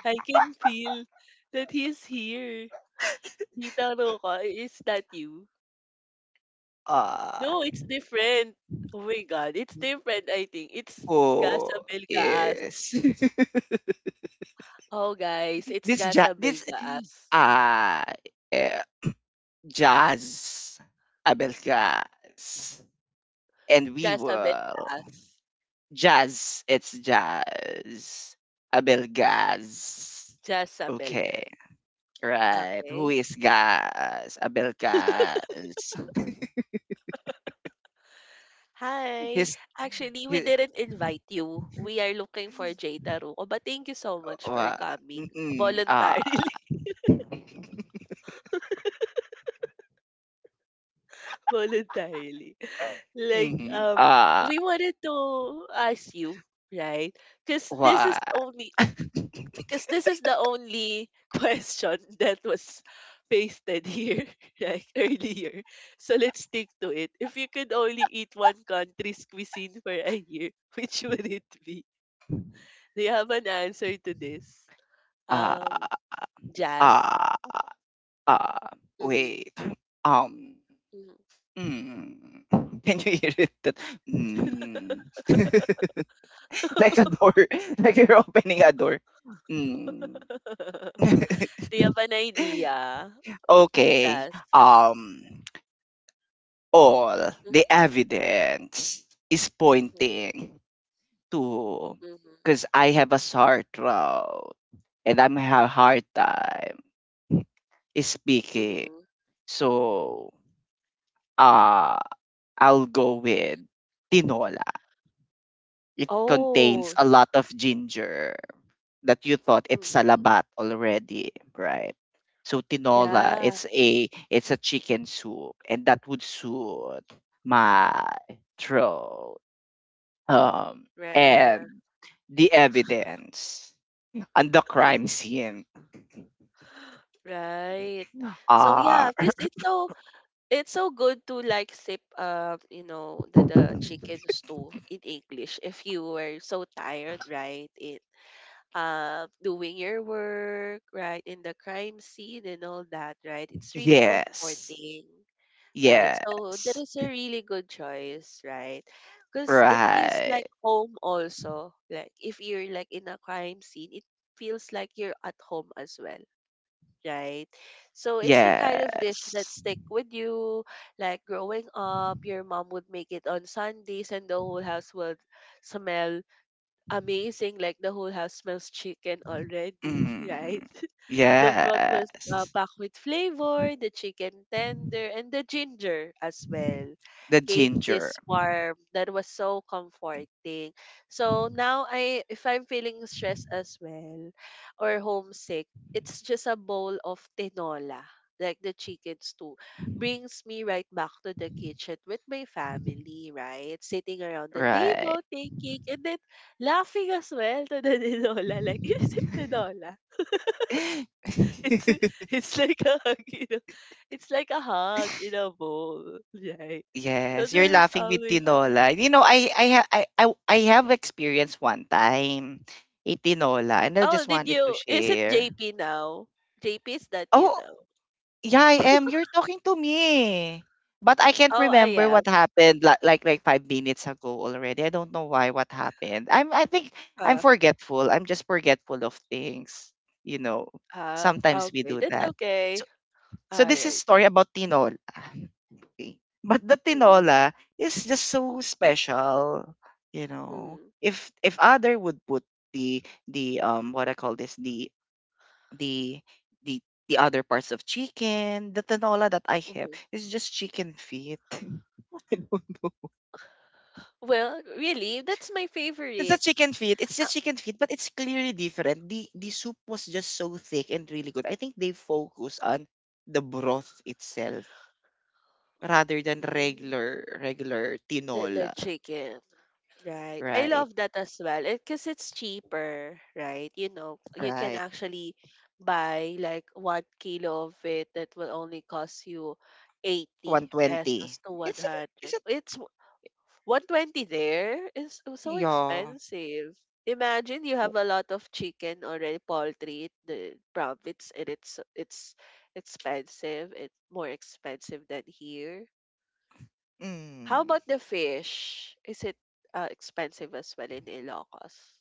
[SPEAKER 1] I can feel that he's here. Tita Roca, is that you?
[SPEAKER 2] ah.
[SPEAKER 1] No, it's different. Oh my God, it's different, I think. It's Gasa
[SPEAKER 2] Oh,
[SPEAKER 1] Belgaas.
[SPEAKER 2] yes. [LAUGHS]
[SPEAKER 1] Oh, guys, it's
[SPEAKER 2] this ja
[SPEAKER 1] Gasa
[SPEAKER 2] this
[SPEAKER 1] Belgaas.
[SPEAKER 2] ah eh, jazz Abelgas and we
[SPEAKER 1] Gasa
[SPEAKER 2] will
[SPEAKER 1] Belgaas.
[SPEAKER 2] jazz, it's jazz Abelgas,
[SPEAKER 1] Gasa
[SPEAKER 2] okay.
[SPEAKER 1] Belgaas.
[SPEAKER 2] Right. Who
[SPEAKER 1] Okay.
[SPEAKER 2] is Gas? Abel Gas.
[SPEAKER 1] Hi.
[SPEAKER 2] His,
[SPEAKER 1] Actually, we
[SPEAKER 2] his
[SPEAKER 1] didn't invite you. We are looking for Jay Taruco, but thank you so much for
[SPEAKER 2] what?
[SPEAKER 1] coming
[SPEAKER 2] Mm-mm. Ah.
[SPEAKER 1] voluntarily. [LAUGHS] Voluntarily. Like
[SPEAKER 2] Mm-hmm.
[SPEAKER 1] um
[SPEAKER 2] Ah.
[SPEAKER 1] we wanted to ask you, right, because this is
[SPEAKER 2] What?
[SPEAKER 1] only because this is the only [LAUGHS] question that was pasted here [LAUGHS] right earlier, so let's stick to it. If you could only eat one country's cuisine for a year, [LAUGHS] which would it be? Do you have an answer to this?
[SPEAKER 2] Ah.
[SPEAKER 1] um Jazz,
[SPEAKER 2] Ah. Ah.
[SPEAKER 1] mm-hmm,
[SPEAKER 2] Wait. Um. Mm. [LAUGHS] Can you hear it? That, mm. [LAUGHS] Like a door. [LAUGHS] Like you're opening a door. Mm.
[SPEAKER 1] [LAUGHS]
[SPEAKER 2] [LAUGHS]
[SPEAKER 1] do you have an idea,
[SPEAKER 2] Okay.
[SPEAKER 1] jazz?
[SPEAKER 2] Um. All
[SPEAKER 1] Mm-hmm,
[SPEAKER 2] the evidence is
[SPEAKER 1] mm-hmm,
[SPEAKER 2] pointing to
[SPEAKER 1] mm-hmm,
[SPEAKER 2] because I have a sore throat and I'm have a hard time
[SPEAKER 1] mm-hmm. Mm-hmm.
[SPEAKER 2] speaking. So uh I'll go with tinola. It contains
[SPEAKER 1] Oh,
[SPEAKER 2] a lot of ginger that you thought it's
[SPEAKER 1] mhm.
[SPEAKER 2] salabat already, right? So tinola,
[SPEAKER 1] Yeah,
[SPEAKER 2] it's a it's a chicken soup and that would suit my throat. Um
[SPEAKER 1] yeah.
[SPEAKER 2] and the evidence on the crime scene
[SPEAKER 1] [GASPS] Right. So yeah,
[SPEAKER 2] are.
[SPEAKER 1] because it's so, it's so good to like sip um, you know, the the chicken stew in English if you were so tired, right? It um doing your work, right, in the crime scene and all that, right? It's really
[SPEAKER 2] Yes.
[SPEAKER 1] comforting. Right. So that
[SPEAKER 2] Yes.
[SPEAKER 1] is a really good choice, right? Because it is like
[SPEAKER 2] Right.
[SPEAKER 1] home also. Like if you're like in a crime scene, it feels like you're at home as well, right? So it's the kind of dish that
[SPEAKER 2] Yes.
[SPEAKER 1] stick with you. Like growing up, your mom would make it on Sundays and the whole house would smell amazing. Like the whole house smells chicken already, [LAUGHS] right?
[SPEAKER 2] Mm.
[SPEAKER 1] The broth was uh,
[SPEAKER 2] Yes.
[SPEAKER 1] packed with flavor, the chicken tender, and the ginger as well.
[SPEAKER 2] The
[SPEAKER 1] Gave
[SPEAKER 2] ginger.
[SPEAKER 1] this warmth that was so comforting. So now I, if I'm feeling stressed as well or homesick, it's just a bowl of tinola, like the chicken stew. Brings me right back to the kitchen with my family, right? Sitting around the
[SPEAKER 2] Right.
[SPEAKER 1] table, taking and then laughing as well to the [LAUGHS] tinola. Like, is it tinola? It's
[SPEAKER 2] [LAUGHS]
[SPEAKER 1] it's like a hug, you know. It's like a hug in a bowl, right? So
[SPEAKER 2] Yes, you're
[SPEAKER 1] there's
[SPEAKER 2] laughing with
[SPEAKER 1] always.
[SPEAKER 2] tinola. You know, I I ha- I I I have experienced one time a tinola and I
[SPEAKER 1] Oh,
[SPEAKER 2] just
[SPEAKER 1] did
[SPEAKER 2] wanted to
[SPEAKER 1] you? Is it
[SPEAKER 2] share.
[SPEAKER 1] J P now? J P, is that you
[SPEAKER 2] Oh,
[SPEAKER 1] know?
[SPEAKER 2] yeah, I am. You're talking to me. But I can't
[SPEAKER 1] Oh, I
[SPEAKER 2] remember
[SPEAKER 1] am.
[SPEAKER 2] what happened li- like like five minutes ago already. I don't know why what happened. I'm I think
[SPEAKER 1] Uh,
[SPEAKER 2] I'm forgetful. I'm just forgetful of things. You know,
[SPEAKER 1] uh,
[SPEAKER 2] sometimes we
[SPEAKER 1] okay,
[SPEAKER 2] do
[SPEAKER 1] that's
[SPEAKER 2] that.
[SPEAKER 1] okay.
[SPEAKER 2] So
[SPEAKER 1] All
[SPEAKER 2] so this is
[SPEAKER 1] right.
[SPEAKER 2] story about tinola. [LAUGHS] Okay. But the
[SPEAKER 1] Mm-hmm,
[SPEAKER 2] tinola is just so special, you know.
[SPEAKER 1] mm-hmm,
[SPEAKER 2] If if other would put the the um what I call this the the the the other parts of chicken. The tinola that I have
[SPEAKER 1] hmm.
[SPEAKER 2] is just chicken feet. [LAUGHS] I don't know.
[SPEAKER 1] Well, really, that's my
[SPEAKER 2] It's a
[SPEAKER 1] favorite.
[SPEAKER 2] chicken feet. It's
[SPEAKER 1] Uh,
[SPEAKER 2] just chicken feet, but it's clearly different. The the soup was just so thick and really good. I think they focus on the broth itself rather than
[SPEAKER 1] mm,
[SPEAKER 2] regular regular
[SPEAKER 1] the, the
[SPEAKER 2] tinola.
[SPEAKER 1] chicken. Right. I
[SPEAKER 2] Right.
[SPEAKER 1] love that as well. Because it's cheaper, right? You know, you can
[SPEAKER 2] Right.
[SPEAKER 1] actually buy like one kilo of it that will only cost you eighty pesos
[SPEAKER 2] one twenty.
[SPEAKER 1] to
[SPEAKER 2] Is it is
[SPEAKER 1] one hundred.
[SPEAKER 2] it
[SPEAKER 1] It's w- one hundred twenty there is so
[SPEAKER 2] yeah.
[SPEAKER 1] expensive. Imagine you have
[SPEAKER 2] W-
[SPEAKER 1] a lot of chicken already, poultry, it- the profits, and it's it's expensive. It's more expensive than here. How
[SPEAKER 2] Mm.
[SPEAKER 1] about the fish? Is it uh, expensive as well in Ilocos?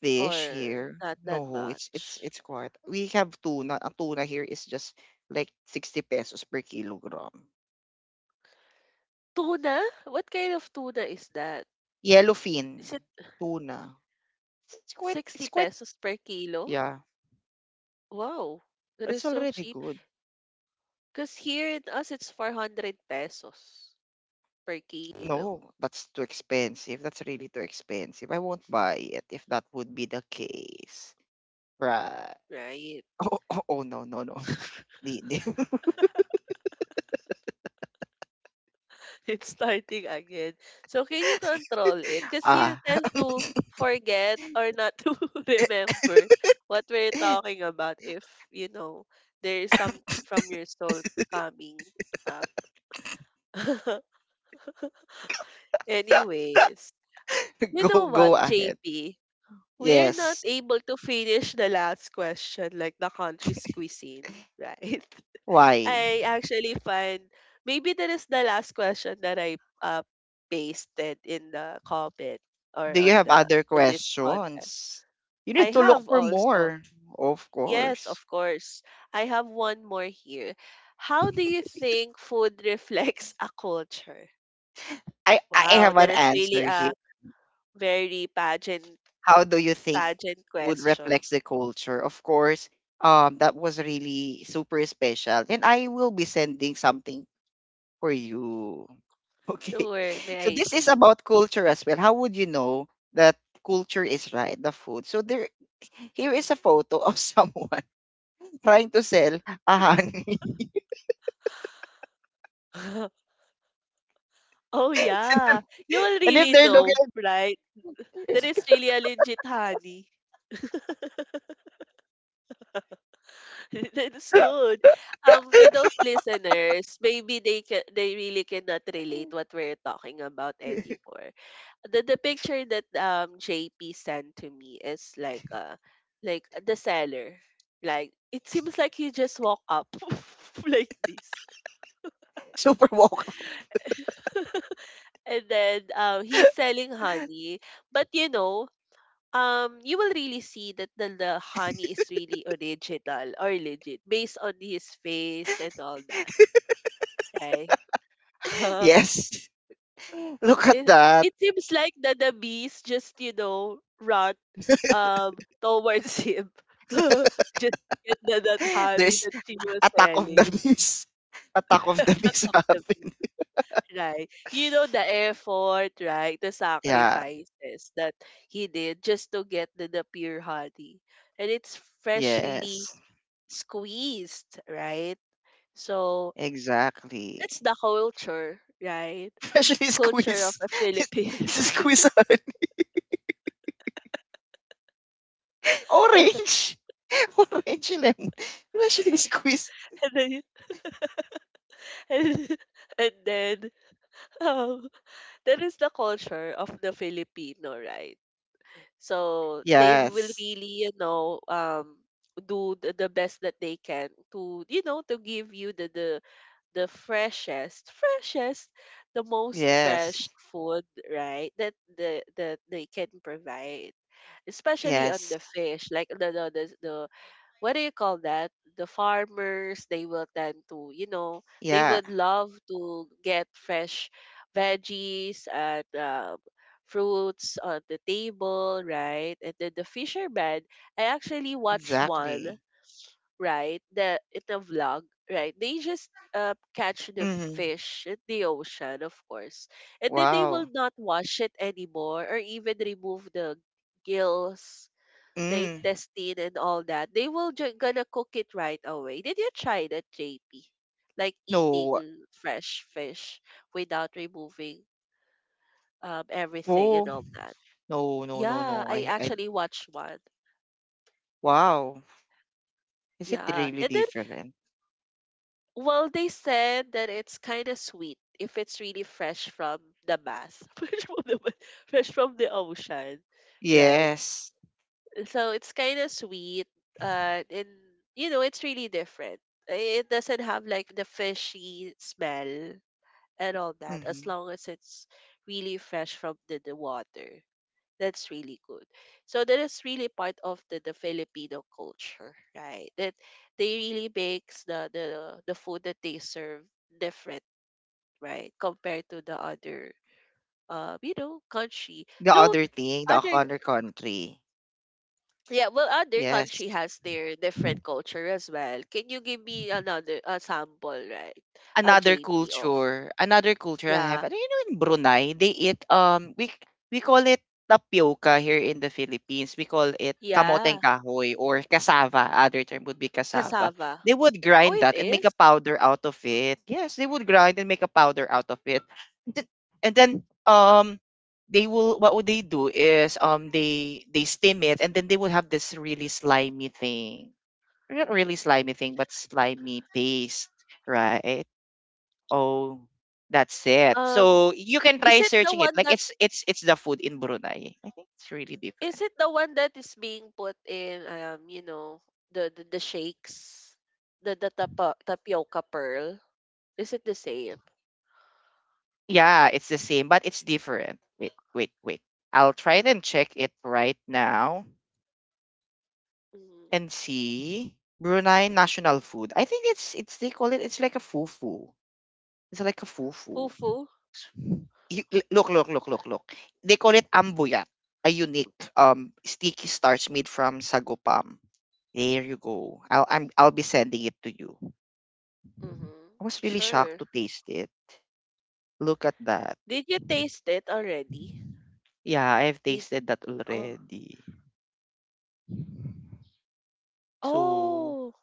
[SPEAKER 2] Fish
[SPEAKER 1] Or
[SPEAKER 2] here.
[SPEAKER 1] not that
[SPEAKER 2] No, it's it's
[SPEAKER 1] much?
[SPEAKER 2] it's quite. We have tuna. A tuna here is just like sixty pesos per kilogram.
[SPEAKER 1] Tuna? What kind of tuna is that?
[SPEAKER 2] Yellowfin
[SPEAKER 1] Is it
[SPEAKER 2] tuna. It's, it's quite
[SPEAKER 1] sixty
[SPEAKER 2] it's quite
[SPEAKER 1] pesos per kilo?
[SPEAKER 2] Yeah.
[SPEAKER 1] Wow, that is
[SPEAKER 2] It's
[SPEAKER 1] so
[SPEAKER 2] already
[SPEAKER 1] cheap.
[SPEAKER 2] good.
[SPEAKER 1] Because here in us, it's four hundred pesos per kilo,
[SPEAKER 2] No, that's too expensive. That's really too expensive. I won't buy it if that would be the case. Right. [LAUGHS]
[SPEAKER 1] right?
[SPEAKER 2] Oh, oh, oh no, no, no. [LAUGHS] The, the,
[SPEAKER 1] [LAUGHS] It's starting again. So can you control it? Because you
[SPEAKER 2] [LAUGHS] ah.
[SPEAKER 1] tend to forget or not to [LAUGHS] remember what we're talking about if, you know, there is something from your soul coming up. [LAUGHS]
[SPEAKER 2] [LAUGHS]
[SPEAKER 1] Anyways, you
[SPEAKER 2] Go
[SPEAKER 1] know what,
[SPEAKER 2] go ahead.
[SPEAKER 1] J P? We are not
[SPEAKER 2] Yes.
[SPEAKER 1] able to finish the last question, like the country's cuisine, [LAUGHS] right?
[SPEAKER 2] Why?
[SPEAKER 1] I actually find maybe that is the last question that I uh pasted in the comment or
[SPEAKER 2] Do you
[SPEAKER 1] on
[SPEAKER 2] have
[SPEAKER 1] the
[SPEAKER 2] other
[SPEAKER 1] on this podcast.
[SPEAKER 2] questions? You need
[SPEAKER 1] I
[SPEAKER 2] to look
[SPEAKER 1] have
[SPEAKER 2] for
[SPEAKER 1] also.
[SPEAKER 2] more, of
[SPEAKER 1] Yes,
[SPEAKER 2] course.
[SPEAKER 1] of course. I have one more here. How do you think food [LAUGHS] reflects a culture?
[SPEAKER 2] I, I
[SPEAKER 1] Wow,
[SPEAKER 2] have
[SPEAKER 1] that
[SPEAKER 2] an
[SPEAKER 1] is really
[SPEAKER 2] answer here.
[SPEAKER 1] a very pageant
[SPEAKER 2] How do you think
[SPEAKER 1] pageant
[SPEAKER 2] food
[SPEAKER 1] question.
[SPEAKER 2] reflects the culture? Of course, um, that was really super special. And I will be sending something for you. [LAUGHS] Okay.
[SPEAKER 1] Sure, may
[SPEAKER 2] So
[SPEAKER 1] I
[SPEAKER 2] this is
[SPEAKER 1] see?
[SPEAKER 2] about culture as well. How would you know that culture is right, the food? So there here is a photo of someone [LAUGHS] trying to sell a honey.
[SPEAKER 1] [LAUGHS] Oh
[SPEAKER 2] [LAUGHS]
[SPEAKER 1] yeah, you will
[SPEAKER 2] And if
[SPEAKER 1] really
[SPEAKER 2] they're
[SPEAKER 1] know, right? That is
[SPEAKER 2] [LAUGHS]
[SPEAKER 1] really a legit honey. [LAUGHS] That's good. Um, to those listeners, maybe they can they really cannot relate what we're talking about anymore. The the picture that um J P sent to me is like uh like the seller. Like it seems like he just walk up [LAUGHS] like this.
[SPEAKER 2] super woke. [LAUGHS]
[SPEAKER 1] And then um he's selling honey. But you know, um you will really see that the, the honey is really original or legit based on his face and all that. Okay. [LAUGHS]
[SPEAKER 2] Yes. [LAUGHS] Look at
[SPEAKER 1] It
[SPEAKER 2] that.
[SPEAKER 1] it seems like that the bees just, you know, run um towards him. [LAUGHS] Just to get the that honey
[SPEAKER 2] There's
[SPEAKER 1] that she was
[SPEAKER 2] attack of the
[SPEAKER 1] selling.
[SPEAKER 2] miss. [LAUGHS] Attack
[SPEAKER 1] [LAUGHS]
[SPEAKER 2] of the
[SPEAKER 1] Attack
[SPEAKER 2] miss [LAUGHS]
[SPEAKER 1] of the bee.
[SPEAKER 2] happened.
[SPEAKER 1] Right. You know the effort, right? The
[SPEAKER 2] Yeah.
[SPEAKER 1] sacrifices that he did just to get the, the pure honey. And it's freshly
[SPEAKER 2] Yes.
[SPEAKER 1] squeezed, right? So
[SPEAKER 2] Exactly.
[SPEAKER 1] that's the culture, right?
[SPEAKER 2] [LAUGHS] Especially
[SPEAKER 1] Culture of
[SPEAKER 2] squeeze.
[SPEAKER 1] the Philippines. [LAUGHS]
[SPEAKER 2] Squeeze [LAUGHS] on [LAUGHS] orange. [LAUGHS] Orange lemon. Especially squeeze.
[SPEAKER 1] and then, and, and then Um, that is the culture of the Filipino, right? So they will
[SPEAKER 2] Yes.
[SPEAKER 1] really, you know, um, do the, the best that they can to, you know, to give you the the the freshest, freshest, the most fresh
[SPEAKER 2] Yes.
[SPEAKER 1] food, right? That the that they can provide, especially on
[SPEAKER 2] Yes.
[SPEAKER 1] the fish, like the the the, the what do you call that? The farmers, they will tend to, you know, they
[SPEAKER 2] Yeah.
[SPEAKER 1] would love to get fresh veggies and um, fruits on the table, right? And then the fishermen, I actually watched one,
[SPEAKER 2] Exactly.
[SPEAKER 1] right? The in a vlog, right? They just uh, catch the
[SPEAKER 2] Mm.
[SPEAKER 1] fish in the ocean, of course, and then they will
[SPEAKER 2] Wow.
[SPEAKER 1] not wash it anymore or even remove the gills, the
[SPEAKER 2] Mm.
[SPEAKER 1] intestine and all that. They will just gonna cook it right away. Did you try that, J P? Like
[SPEAKER 2] No.
[SPEAKER 1] eating fresh fish without removing um everything and
[SPEAKER 2] Oh.
[SPEAKER 1] all that.
[SPEAKER 2] No, no, no,
[SPEAKER 1] Yeah,
[SPEAKER 2] no.
[SPEAKER 1] I
[SPEAKER 2] I, I,
[SPEAKER 1] actually watched one.
[SPEAKER 2] wow. Is it
[SPEAKER 1] Yeah,
[SPEAKER 2] really
[SPEAKER 1] and then
[SPEAKER 2] different?
[SPEAKER 1] well, they said that it's kind of sweet if it's really fresh from the bath, [LAUGHS] fresh from the fresh from the ocean, right?
[SPEAKER 2] Yes.
[SPEAKER 1] So it's kind of sweet. Uh, and you know, it's really different. It doesn't have like the fishy smell and all that, as
[SPEAKER 2] Hmm.
[SPEAKER 1] long as it's really fresh from the, the water. That's really good. So that is really part of the, the Filipino culture, right? That they really makes the, the the food that they serve different, right? Compared to the other uh, you know, country.
[SPEAKER 2] The
[SPEAKER 1] Though
[SPEAKER 2] other
[SPEAKER 1] th-
[SPEAKER 2] thing, the
[SPEAKER 1] other
[SPEAKER 2] other country.
[SPEAKER 1] Yeah, well, other
[SPEAKER 2] Yes.
[SPEAKER 1] country has their different culture as well. Can you give me another a sample, right? A
[SPEAKER 2] Another
[SPEAKER 1] J P of
[SPEAKER 2] culture, another culture I
[SPEAKER 1] yeah,
[SPEAKER 2] have. And you know, in Brunei, they eat um we we call it tapioca here in the Philippines. We call it kamoteng
[SPEAKER 1] yeah,
[SPEAKER 2] kahoy or cassava. Other term would be cassava.
[SPEAKER 1] cassava.
[SPEAKER 2] They would
[SPEAKER 1] Oh,
[SPEAKER 2] grind
[SPEAKER 1] it
[SPEAKER 2] that and make
[SPEAKER 1] is.
[SPEAKER 2] a powder out of it. Yes, they would grind and make a powder out of it. And then, and then um they will what would they do is um they they steam it and then they would have this really slimy thing. Not really slimy thing, but slimy paste, right? Oh, that's it.
[SPEAKER 1] Um,
[SPEAKER 2] So you can
[SPEAKER 1] is
[SPEAKER 2] try
[SPEAKER 1] it the
[SPEAKER 2] searching it.
[SPEAKER 1] one
[SPEAKER 2] Like
[SPEAKER 1] that
[SPEAKER 2] it's it's it's the food in Brunei. I think it's really
[SPEAKER 1] is
[SPEAKER 2] different.
[SPEAKER 1] it the one that is being put in um, you know, the the, the shakes, the the tapa, tapioca pearl? Is it the same?
[SPEAKER 2] Yeah, it's the same, but it's different. Wait, wait, wait. I'll try it and check it right now
[SPEAKER 1] Mm-hmm.
[SPEAKER 2] and see Brunei national food. I think it's it's they call it it's like a fufu. It's like a fufu.
[SPEAKER 1] Fufu.
[SPEAKER 2] You- l- Look, look, look, look, look. They call it ambuyat, a unique um sticky starch made from sago palm. There you go. I'll I'm, I'll be sending it to you.
[SPEAKER 1] Mm-hmm.
[SPEAKER 2] I was really shocked
[SPEAKER 1] Sure.
[SPEAKER 2] to taste it. Look at that.
[SPEAKER 1] Did you taste it already?
[SPEAKER 2] Yeah, I've
[SPEAKER 1] Did,
[SPEAKER 2] tasted that
[SPEAKER 1] oh,
[SPEAKER 2] already. So
[SPEAKER 1] oh,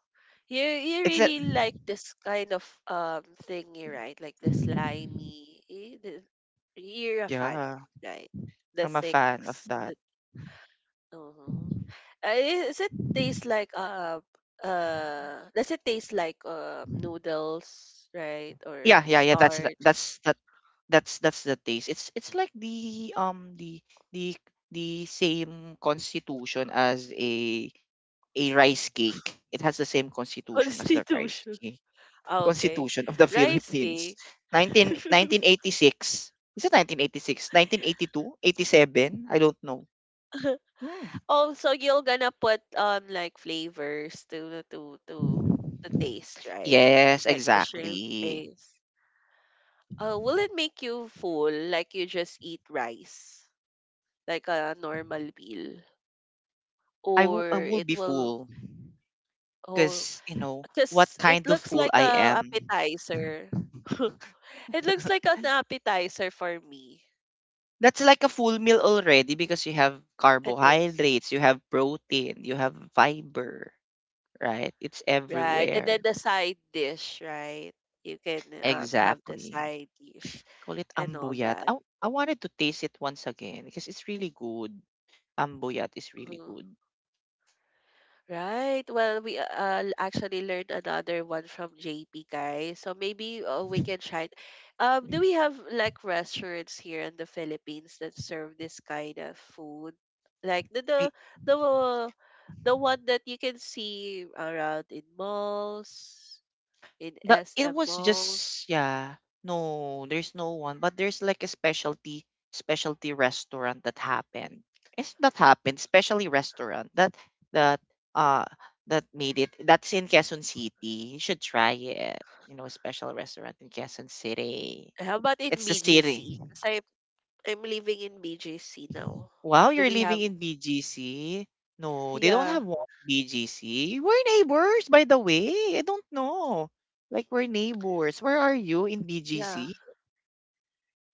[SPEAKER 1] You you
[SPEAKER 2] it's a
[SPEAKER 1] really like this kind of um thingy, right? Like the slimy, eh, the- you're a fan,
[SPEAKER 2] yeah,
[SPEAKER 1] right? The
[SPEAKER 2] I'm a
[SPEAKER 1] six.
[SPEAKER 2] fan of that.
[SPEAKER 1] The, uh-huh. Uh, i- Does it taste like um uh does it taste like um noodles, right? Or
[SPEAKER 2] Yeah, yeah, yeah. That's the-
[SPEAKER 1] starch?
[SPEAKER 2] that's that that's that's the taste. It's it's like the um the the the same constitution as a a rice cake. It has the same
[SPEAKER 1] [LAUGHS]
[SPEAKER 2] constitution as the rice
[SPEAKER 1] Constitution?
[SPEAKER 2] cake.
[SPEAKER 1] Ah, okay,
[SPEAKER 2] Constitution of the [LAUGHS]
[SPEAKER 1] rice
[SPEAKER 2] Philippines.
[SPEAKER 1] cake.
[SPEAKER 2] Nineteen nineteen
[SPEAKER 1] [LAUGHS]
[SPEAKER 2] eighty six. Is it nineteen eighty-six? nineteen eighty-two? eighty-seven? I don't know. Mm.
[SPEAKER 1] Oh, so you're gonna put um like flavors to to to to taste, right?
[SPEAKER 2] Yes,
[SPEAKER 1] Like the shrimp
[SPEAKER 2] exactly.
[SPEAKER 1] base. Uh, will it make you full, like you just eat rice, like a normal meal,
[SPEAKER 2] I
[SPEAKER 1] or
[SPEAKER 2] will I will
[SPEAKER 1] it
[SPEAKER 2] be
[SPEAKER 1] will?
[SPEAKER 2] fool
[SPEAKER 1] Oh,
[SPEAKER 2] because you know what
[SPEAKER 1] because it
[SPEAKER 2] kind of
[SPEAKER 1] looks
[SPEAKER 2] fool
[SPEAKER 1] like
[SPEAKER 2] I
[SPEAKER 1] a
[SPEAKER 2] am.
[SPEAKER 1] appetizer. [LAUGHS] It looks like
[SPEAKER 2] [LAUGHS]
[SPEAKER 1] an appetizer for me.
[SPEAKER 2] That's like a full meal already because you have
[SPEAKER 1] It is.
[SPEAKER 2] carbohydrates, you have protein, you have fiber, right? It's
[SPEAKER 1] Right. And then
[SPEAKER 2] everywhere.
[SPEAKER 1] the side dish, right? You can um have the
[SPEAKER 2] Exactly.
[SPEAKER 1] side dish
[SPEAKER 2] Call it
[SPEAKER 1] and all
[SPEAKER 2] ambuyat.
[SPEAKER 1] that.
[SPEAKER 2] I I wanted to taste it once again because it's really good. Ambuyat is really
[SPEAKER 1] Mhm.
[SPEAKER 2] good.
[SPEAKER 1] Right. Well, we uh uh, actually learned another one from J P guys. So maybe uh, we can try it. Um, do we have like restaurants here in the Philippines that serve this kind of food? Like the the the uh, the one that you can see around in malls, in
[SPEAKER 2] The it
[SPEAKER 1] S M
[SPEAKER 2] was
[SPEAKER 1] malls.
[SPEAKER 2] just yeah. No, there's no one, but there's like a specialty specialty restaurant that happened. Yes, that happened. Specialty restaurant that that uh that made it. That's in Quezon City. You should try it. You know, a special restaurant in Quezon City.
[SPEAKER 1] How about in
[SPEAKER 2] It's the city.
[SPEAKER 1] B G C? Because I I'm living in B G C now.
[SPEAKER 2] Wow,
[SPEAKER 1] Do
[SPEAKER 2] you're
[SPEAKER 1] we
[SPEAKER 2] living
[SPEAKER 1] have?
[SPEAKER 2] in B G C? No, they don't
[SPEAKER 1] Yeah,
[SPEAKER 2] have one B G C. We're neighbors, by the way. I don't know. Like, we're neighbors. Where are you in
[SPEAKER 1] yeah.
[SPEAKER 2] B G C?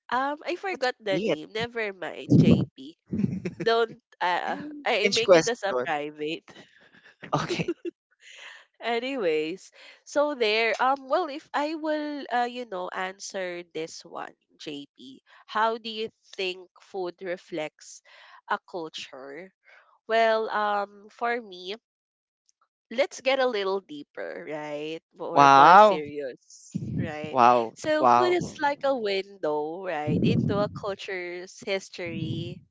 [SPEAKER 1] Um, I
[SPEAKER 2] What's
[SPEAKER 1] forgot the
[SPEAKER 2] great?
[SPEAKER 1] name. Never mind, J P.
[SPEAKER 2] [LAUGHS]
[SPEAKER 1] Don't uh I
[SPEAKER 2] Change
[SPEAKER 1] make it as a
[SPEAKER 2] question.
[SPEAKER 1] private. [LAUGHS]
[SPEAKER 2] Okay.
[SPEAKER 1] Anyways, so there um well if I will uh you know answer this one, J P. How do you think food reflects a culture? Well, um for me let's get a little deeper, right? Or more
[SPEAKER 2] Wow.
[SPEAKER 1] serious, right?
[SPEAKER 2] Wow.
[SPEAKER 1] So food
[SPEAKER 2] Wow.
[SPEAKER 1] is like a window, right, into a culture's history,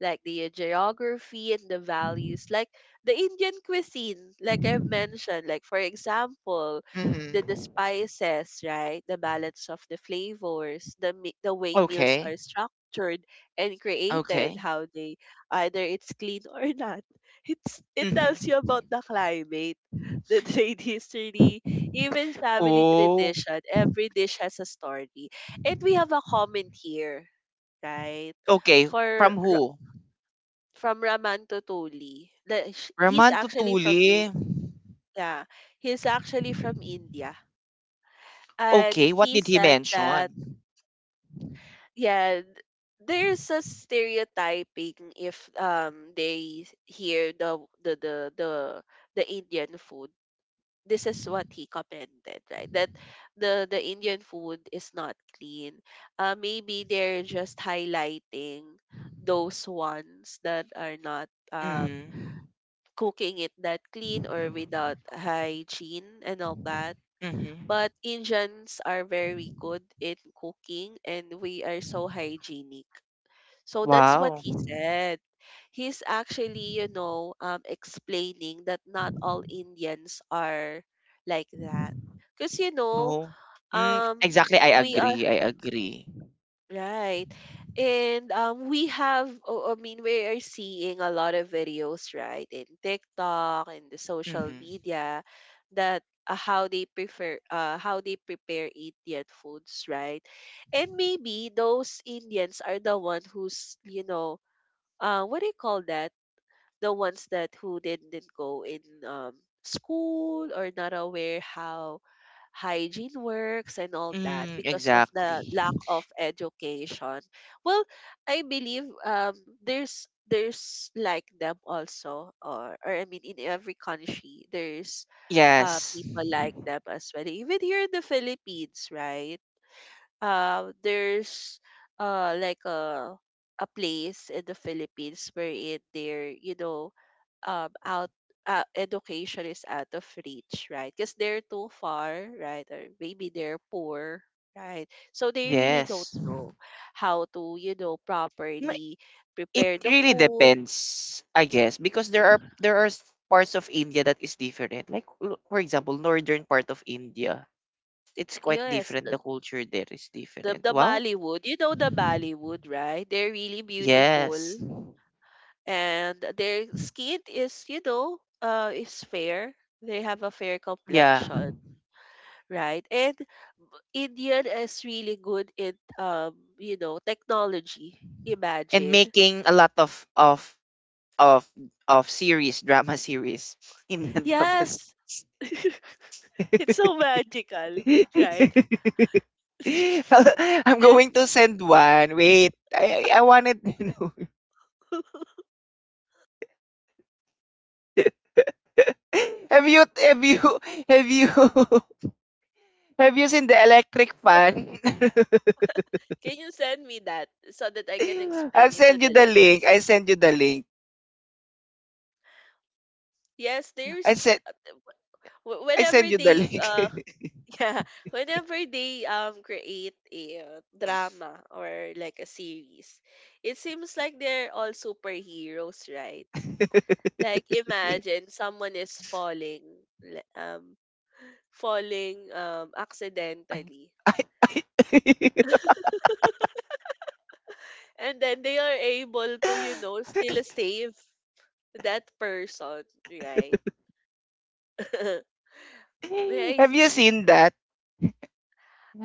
[SPEAKER 1] like the geography and the values, like the Indian cuisine, like I mentioned, like for example, the, the
[SPEAKER 2] Mm-hmm.
[SPEAKER 1] spices, right? The balance of the flavors, the mi- the way meals
[SPEAKER 2] Okay.
[SPEAKER 1] are structured and created,
[SPEAKER 2] Okay.
[SPEAKER 1] how they, either it's clean [LAUGHS] or not, it's, it tells
[SPEAKER 2] Mm-hmm.
[SPEAKER 1] you about the climate, [LAUGHS] the trade history, even family
[SPEAKER 2] Oh.
[SPEAKER 1] tradition. Every dish has a story. And we have a comment here, right?
[SPEAKER 2] Okay.
[SPEAKER 1] For
[SPEAKER 2] From
[SPEAKER 1] Ra-
[SPEAKER 2] who?
[SPEAKER 1] from Raman Totoli. The, sh- he's
[SPEAKER 2] Raman
[SPEAKER 1] actually from
[SPEAKER 2] Tutuli.
[SPEAKER 1] India. He's actually from India.
[SPEAKER 2] Okay.
[SPEAKER 1] And
[SPEAKER 2] What
[SPEAKER 1] he
[SPEAKER 2] did he
[SPEAKER 1] said that
[SPEAKER 2] mention?
[SPEAKER 1] yeah, th- there's a stereotyping if um they hear the the the the the Indian food, this is what he commented, right? That the the Indian food is not clean. Uh, maybe they're just highlighting those ones that are not uh,
[SPEAKER 2] Mm-hmm.
[SPEAKER 1] cooking it that clean or without hygiene and all that.
[SPEAKER 2] Mm-hmm.
[SPEAKER 1] But Indians are very good in cooking, and we are so hygienic. So that's what
[SPEAKER 2] Wow.
[SPEAKER 1] he said. He's actually, you know, um, explaining that not all Indians are like that. Because, you know,
[SPEAKER 2] No. Mm,
[SPEAKER 1] um,
[SPEAKER 2] exactly. I
[SPEAKER 1] we are,
[SPEAKER 2] agree. I agree.
[SPEAKER 1] right. And um, we have, oh, I mean, we are seeing a lot of videos, right, in TikTok and the social
[SPEAKER 2] Mm-hmm.
[SPEAKER 1] media that uh, how they prefer, uh, how they prepare Indian foods, right? And maybe those Indians are the one who's, you know, uh what do you call that, the ones that who didn't go in um school or not aware how hygiene works and all that
[SPEAKER 2] Mm,
[SPEAKER 1] because of the
[SPEAKER 2] exactly.
[SPEAKER 1] lack of education. Well, I believe um there's there's like them also, or or I mean, in every country there's uh
[SPEAKER 2] Yes.
[SPEAKER 1] people like them as well, even here in the Philippines, right? Uh, there's uh, like a a place in the Philippines where it, there, you know um out uh, education is out of reach, right, because they're too far, right, or maybe they're poor, right, so they really don't
[SPEAKER 2] Yes.
[SPEAKER 1] know how to, you know, properly
[SPEAKER 2] It
[SPEAKER 1] prepare the
[SPEAKER 2] really
[SPEAKER 1] food.
[SPEAKER 2] depends, I guess, because there are there are s- parts of India that is different. Like l- for example, northern part of India, it's quite
[SPEAKER 1] Yes,
[SPEAKER 2] different.
[SPEAKER 1] the
[SPEAKER 2] The culture there is
[SPEAKER 1] the,
[SPEAKER 2] different.
[SPEAKER 1] the
[SPEAKER 2] Wow.
[SPEAKER 1] Bollywood, you know, the Bollywood, right, they're really
[SPEAKER 2] Yes.
[SPEAKER 1] beautiful and their skin is, you know uh is fair, they have a fair
[SPEAKER 2] Yeah.
[SPEAKER 1] complexion, right? And India is really good in, um you know, technology,
[SPEAKER 2] And
[SPEAKER 1] imagine.
[SPEAKER 2] making a lot of of of of series, drama series, [LAUGHS] Indian drama
[SPEAKER 1] Yes.
[SPEAKER 2] series.
[SPEAKER 1] [LAUGHS] It's so magical, right?
[SPEAKER 2] [LAUGHS]
[SPEAKER 1] [LAUGHS]
[SPEAKER 2] [LAUGHS] I'm
[SPEAKER 1] Yeah.
[SPEAKER 2] going to send one. Wait, I I I wanted to know. [LAUGHS] have you have you have you [LAUGHS] have you seen the electric fan?
[SPEAKER 1] Can you send me that so that I can
[SPEAKER 2] [LAUGHS] I'll
[SPEAKER 1] explain it to
[SPEAKER 2] send you
[SPEAKER 1] the
[SPEAKER 2] the link. I
[SPEAKER 1] listeners?
[SPEAKER 2] send you the link.
[SPEAKER 1] Yes,
[SPEAKER 2] I
[SPEAKER 1] there's
[SPEAKER 2] send
[SPEAKER 1] uh, wh-
[SPEAKER 2] I
[SPEAKER 1] whenever
[SPEAKER 2] send you the
[SPEAKER 1] they uh
[SPEAKER 2] link.
[SPEAKER 1] yeah, [LAUGHS] whenever they um create a uh, drama or like a series, it seems like they're all superheroes, right? Like
[SPEAKER 2] [LAUGHS]
[SPEAKER 1] imagine someone is falling, li- um, falling um accidentally,
[SPEAKER 2] Ay, ay, ay.
[SPEAKER 1] and then they are able to, you know, still save that person, right? [LAUGHS] May
[SPEAKER 2] [LAUGHS]
[SPEAKER 1] I
[SPEAKER 2] Have you
[SPEAKER 1] see?
[SPEAKER 2] seen that?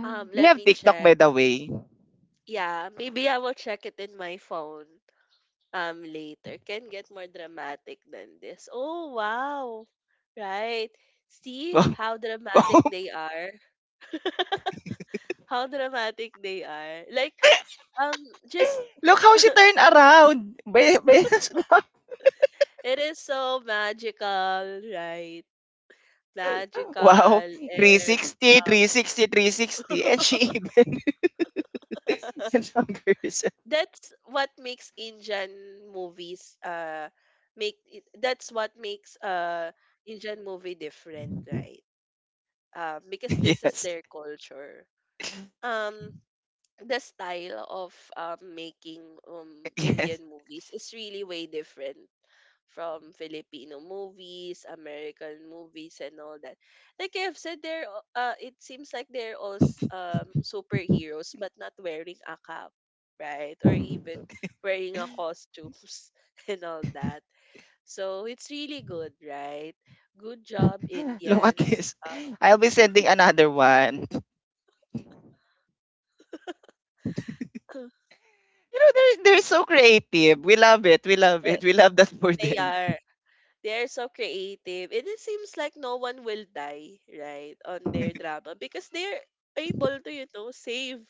[SPEAKER 1] Um,
[SPEAKER 2] Do you
[SPEAKER 1] let
[SPEAKER 2] have
[SPEAKER 1] me
[SPEAKER 2] TikTok by
[SPEAKER 1] check.
[SPEAKER 2] the way?
[SPEAKER 1] Yeah, maybe I will check it in my phone. Um, later can get more dramatic than this. Oh wow. Right. See
[SPEAKER 2] Wow.
[SPEAKER 1] how
[SPEAKER 2] [LAUGHS]
[SPEAKER 1] dramatic they are. [LAUGHS] How dramatic they are. Like um just
[SPEAKER 2] Look how she turned around. Be- be-
[SPEAKER 1] it is so magical, right?
[SPEAKER 2] [LAUGHS] wow.
[SPEAKER 1] Magical and
[SPEAKER 2] three sixty,
[SPEAKER 1] uh,
[SPEAKER 2] three sixty, three sixty. And she even [LAUGHS] and
[SPEAKER 1] [LAUGHS]
[SPEAKER 2] hung herself.
[SPEAKER 1] that's what makes Indian movies uh make it, that's what makes uh Indian movie different, right? Um, because
[SPEAKER 2] [LAUGHS]
[SPEAKER 1] this is
[SPEAKER 2] Yes.
[SPEAKER 1] their culture. Um, the style of um, making um,
[SPEAKER 2] Yes.
[SPEAKER 1] Indian movies is really way different from Filipino movies, American movies, and all that. Like I've said, they're a- uh, it seems like they're all s- um, superheroes, but not wearing a cap, right? Or even wearing a costumes [LAUGHS] and all that. So it's really good, right? Good job,
[SPEAKER 2] [LAUGHS] Look at
[SPEAKER 1] Indians.
[SPEAKER 2] this.
[SPEAKER 1] Uh,
[SPEAKER 2] I'll be sending another one. [LAUGHS] You know, they're, they're so creative. We love it. We love
[SPEAKER 1] [LAUGHS] eh,
[SPEAKER 2] it. We love that for
[SPEAKER 1] they
[SPEAKER 2] them.
[SPEAKER 1] are. They're so creative. And it seems like no one will die, right, on their drama, because they're able to, you know, save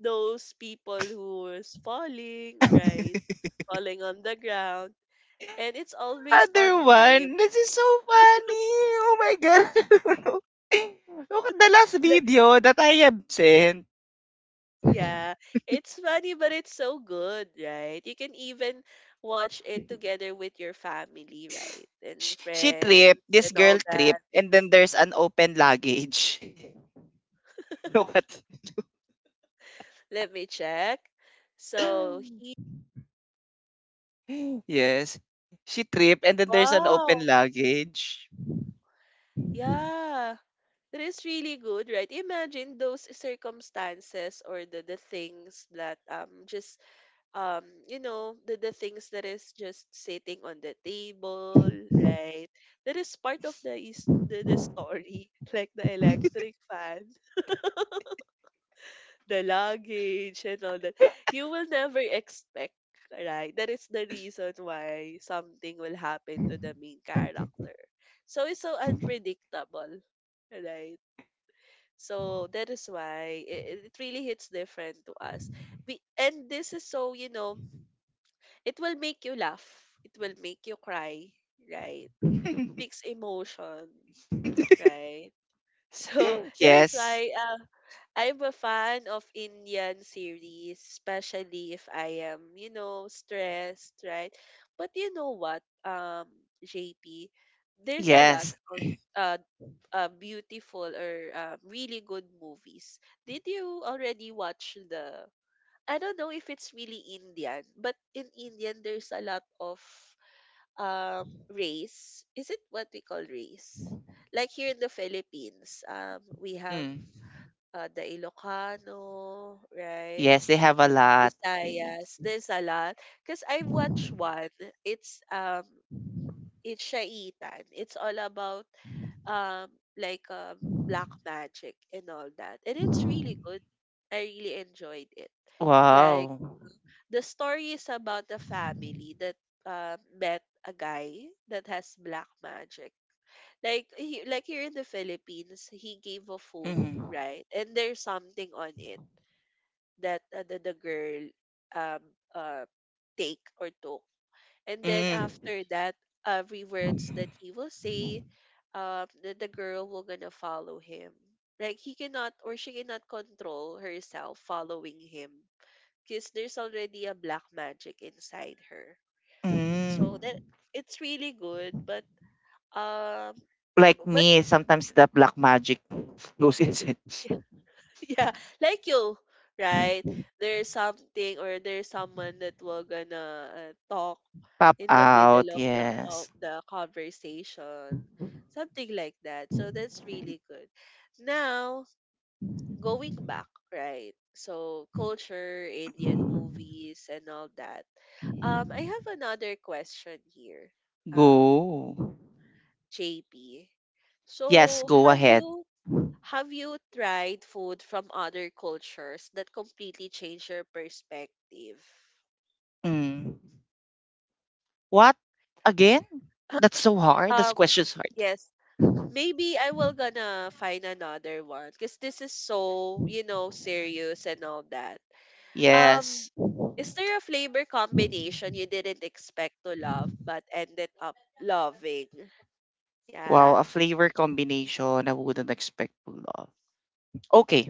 [SPEAKER 1] those people who is falling, right?
[SPEAKER 2] [LAUGHS]
[SPEAKER 1] Falling on the ground. And it's always on
[SPEAKER 2] Another
[SPEAKER 1] time.
[SPEAKER 2] one. This is so funny. Oh my God. [LAUGHS] Look at the last
[SPEAKER 1] Like,
[SPEAKER 2] video that I have sent.
[SPEAKER 1] yeah, it's funny, but it's so good, right? You can even watch it together with your family, right? And
[SPEAKER 2] She, she
[SPEAKER 1] friends
[SPEAKER 2] tripped.
[SPEAKER 1] and
[SPEAKER 2] This
[SPEAKER 1] all
[SPEAKER 2] girl
[SPEAKER 1] that.
[SPEAKER 2] tripped. And then there's an open luggage. [LAUGHS] Look at...
[SPEAKER 1] Let me check. So he,
[SPEAKER 2] [LAUGHS] Yes. She tripped. And then there's an open
[SPEAKER 1] wow.
[SPEAKER 2] luggage.
[SPEAKER 1] Yeah. That is really good, right? Imagine those circumstances or the the things that um just um you know, the the things that is just sitting on the table, right? That is part of the is the, the story, [LAUGHS] like the electric fan, the luggage and all that. You will never expect, right? That is the reason why something will happen to the main character. So it's so unpredictable, right? So that is why it, it really hits different to us. We, and this is so, you know, it will make you laugh, it will make you cry, right?
[SPEAKER 2] [LAUGHS]
[SPEAKER 1] Mixed emotion, right? [LAUGHS] So that is
[SPEAKER 2] Yes.
[SPEAKER 1] why, uh, I'm a fan of Indian series, especially if I am, you know, stressed, right? But you know what, um, J P, there's a lot
[SPEAKER 2] Yes.
[SPEAKER 1] of uh uh, beautiful or uh, really good movies. Did you already watch the? I don't know if it's really Indian, but in Indian there's a lot of um, race. Is it what we call race? Like here in the Philippines, um, we have
[SPEAKER 2] Mm.
[SPEAKER 1] uh, the Ilocano, right?
[SPEAKER 2] Yes, they have a lot. Y-
[SPEAKER 1] Visayas. There's a lot. Cause I watched one. It's um, it's Shaitan. It's all about um like um black magic and all that, and it's really good, I really enjoyed it. Like,
[SPEAKER 2] Wow.
[SPEAKER 1] uh, the story is about a family that uh, met a guy that has black magic. Like he, like here in the Philippines, he gave a food,
[SPEAKER 2] Mm.
[SPEAKER 1] right, and there's something on it that uh, the, the girl um uh take or took, and then
[SPEAKER 2] Mm.
[SPEAKER 1] after that, every words that he will say, um, that the girl will gonna follow him. Like he cannot or she cannot control herself following him, because there's already a black magic inside her.
[SPEAKER 2] Mm.
[SPEAKER 1] So that, it's really good, but um,
[SPEAKER 2] Like
[SPEAKER 1] but
[SPEAKER 2] me, sometimes the black magic goes inside. [LAUGHS]
[SPEAKER 1] [LAUGHS] yeah, like you, right? There's something or there's someone that will gonna uh, talk
[SPEAKER 2] Pop
[SPEAKER 1] in the
[SPEAKER 2] out,
[SPEAKER 1] middle of the of
[SPEAKER 2] yes.
[SPEAKER 1] the conversation, something like that, so that's really good. Now, going back, right? So culture, Indian movies and all that. um I have another question here. um
[SPEAKER 2] Go.
[SPEAKER 1] JP,
[SPEAKER 2] Yes,
[SPEAKER 1] so
[SPEAKER 2] go
[SPEAKER 1] have
[SPEAKER 2] ahead.
[SPEAKER 1] you— have you tried food from other cultures that completely changed your perspective?
[SPEAKER 2] Mm. What? Again? That's so hard. This
[SPEAKER 1] um
[SPEAKER 2] question's hard.
[SPEAKER 1] yes, maybe I will gonna find another one because this is so, you know, serious and all that. Um,
[SPEAKER 2] Yes.
[SPEAKER 1] is there a flavor combination you didn't expect to love but ended up loving?
[SPEAKER 2] Wow,
[SPEAKER 1] Yeah,
[SPEAKER 2] a flavor combination I wouldn't expect to love. Okay.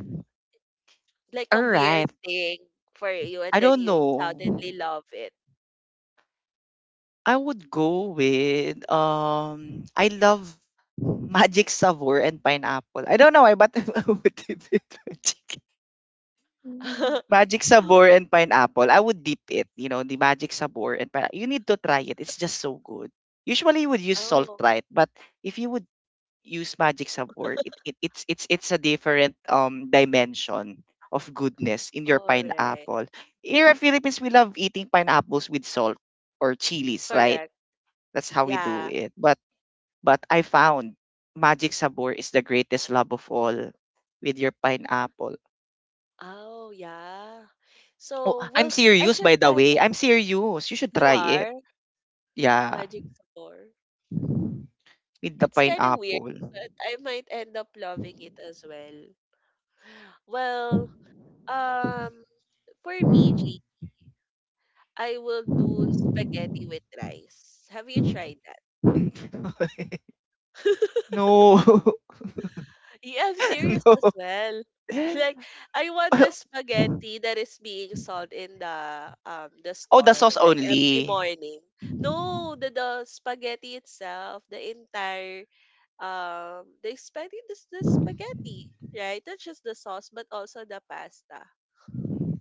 [SPEAKER 1] like
[SPEAKER 2] All
[SPEAKER 1] a weird
[SPEAKER 2] right.
[SPEAKER 1] thing for you,
[SPEAKER 2] I
[SPEAKER 1] and then
[SPEAKER 2] don't
[SPEAKER 1] you suddenly
[SPEAKER 2] know.
[SPEAKER 1] love it.
[SPEAKER 2] I would go with um I love [LAUGHS] magic sabor and pineapple. I don't know why, but [LAUGHS] I would dip it [LAUGHS] magic.
[SPEAKER 1] [LAUGHS]
[SPEAKER 2] Magic sabor and pineapple. I would dip it, you know, the magic sabor and pineapple. You need to try it. It's just so good. Usually you would use salt,
[SPEAKER 1] oh,
[SPEAKER 2] right, but if you would use magic sabor, it, it it's it's it's a different um dimension of goodness in your
[SPEAKER 1] all right,
[SPEAKER 2] pineapple. Here in Philippines, we love eating pineapples with salt or chilies, right?
[SPEAKER 1] correct.
[SPEAKER 2] That's how we do
[SPEAKER 1] Yeah.
[SPEAKER 2] it. But but I found magic sabor is the greatest love of all with your pineapple.
[SPEAKER 1] Oh, yeah.
[SPEAKER 2] Oh,
[SPEAKER 1] So,
[SPEAKER 2] I'm
[SPEAKER 1] well, I
[SPEAKER 2] serious,
[SPEAKER 1] should
[SPEAKER 2] by the
[SPEAKER 1] try
[SPEAKER 2] way.
[SPEAKER 1] that.
[SPEAKER 2] I'm serious. You should
[SPEAKER 1] You
[SPEAKER 2] try it.
[SPEAKER 1] are
[SPEAKER 2] Yeah,
[SPEAKER 1] magic store.
[SPEAKER 2] with the
[SPEAKER 1] It's kind of weird,
[SPEAKER 2] pineapple.
[SPEAKER 1] but I might end up loving it as well. Well, um, for me, G, I will do spaghetti with rice. Have you tried that?
[SPEAKER 2] [LAUGHS]
[SPEAKER 1] [LAUGHS]
[SPEAKER 2] No.
[SPEAKER 1] yeah, I'm
[SPEAKER 2] [LAUGHS]
[SPEAKER 1] serious
[SPEAKER 2] No.
[SPEAKER 1] as well. Like, I want
[SPEAKER 2] [LAUGHS]
[SPEAKER 1] the spaghetti that is being sold in the um the
[SPEAKER 2] Oh, the
[SPEAKER 1] store
[SPEAKER 2] sauce
[SPEAKER 1] like every
[SPEAKER 2] only.
[SPEAKER 1] morning. No, the the spaghetti itself, the entire um the spaghetti, this the spaghetti, right? Not just the sauce, but also the pasta.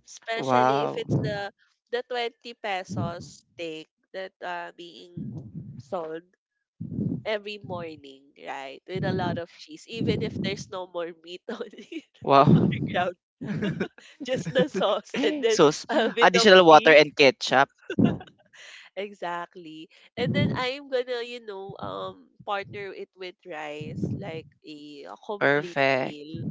[SPEAKER 1] Especially if
[SPEAKER 2] Wow.
[SPEAKER 1] it's the the twenty pesos steak that are being sold every morning, right? With a lot of cheese, even if there's no more meat [LAUGHS] on it or
[SPEAKER 2] Wow.
[SPEAKER 1] ground,
[SPEAKER 2] [LAUGHS]
[SPEAKER 1] just the sauce and then
[SPEAKER 2] Sauce.
[SPEAKER 1] a bit of
[SPEAKER 2] Additional water
[SPEAKER 1] cheese.
[SPEAKER 2] and ketchup.
[SPEAKER 1] Exactly. And then I'm gonna, you know, um, partner it with rice, like a, a complete
[SPEAKER 2] Perfect.
[SPEAKER 1] meal.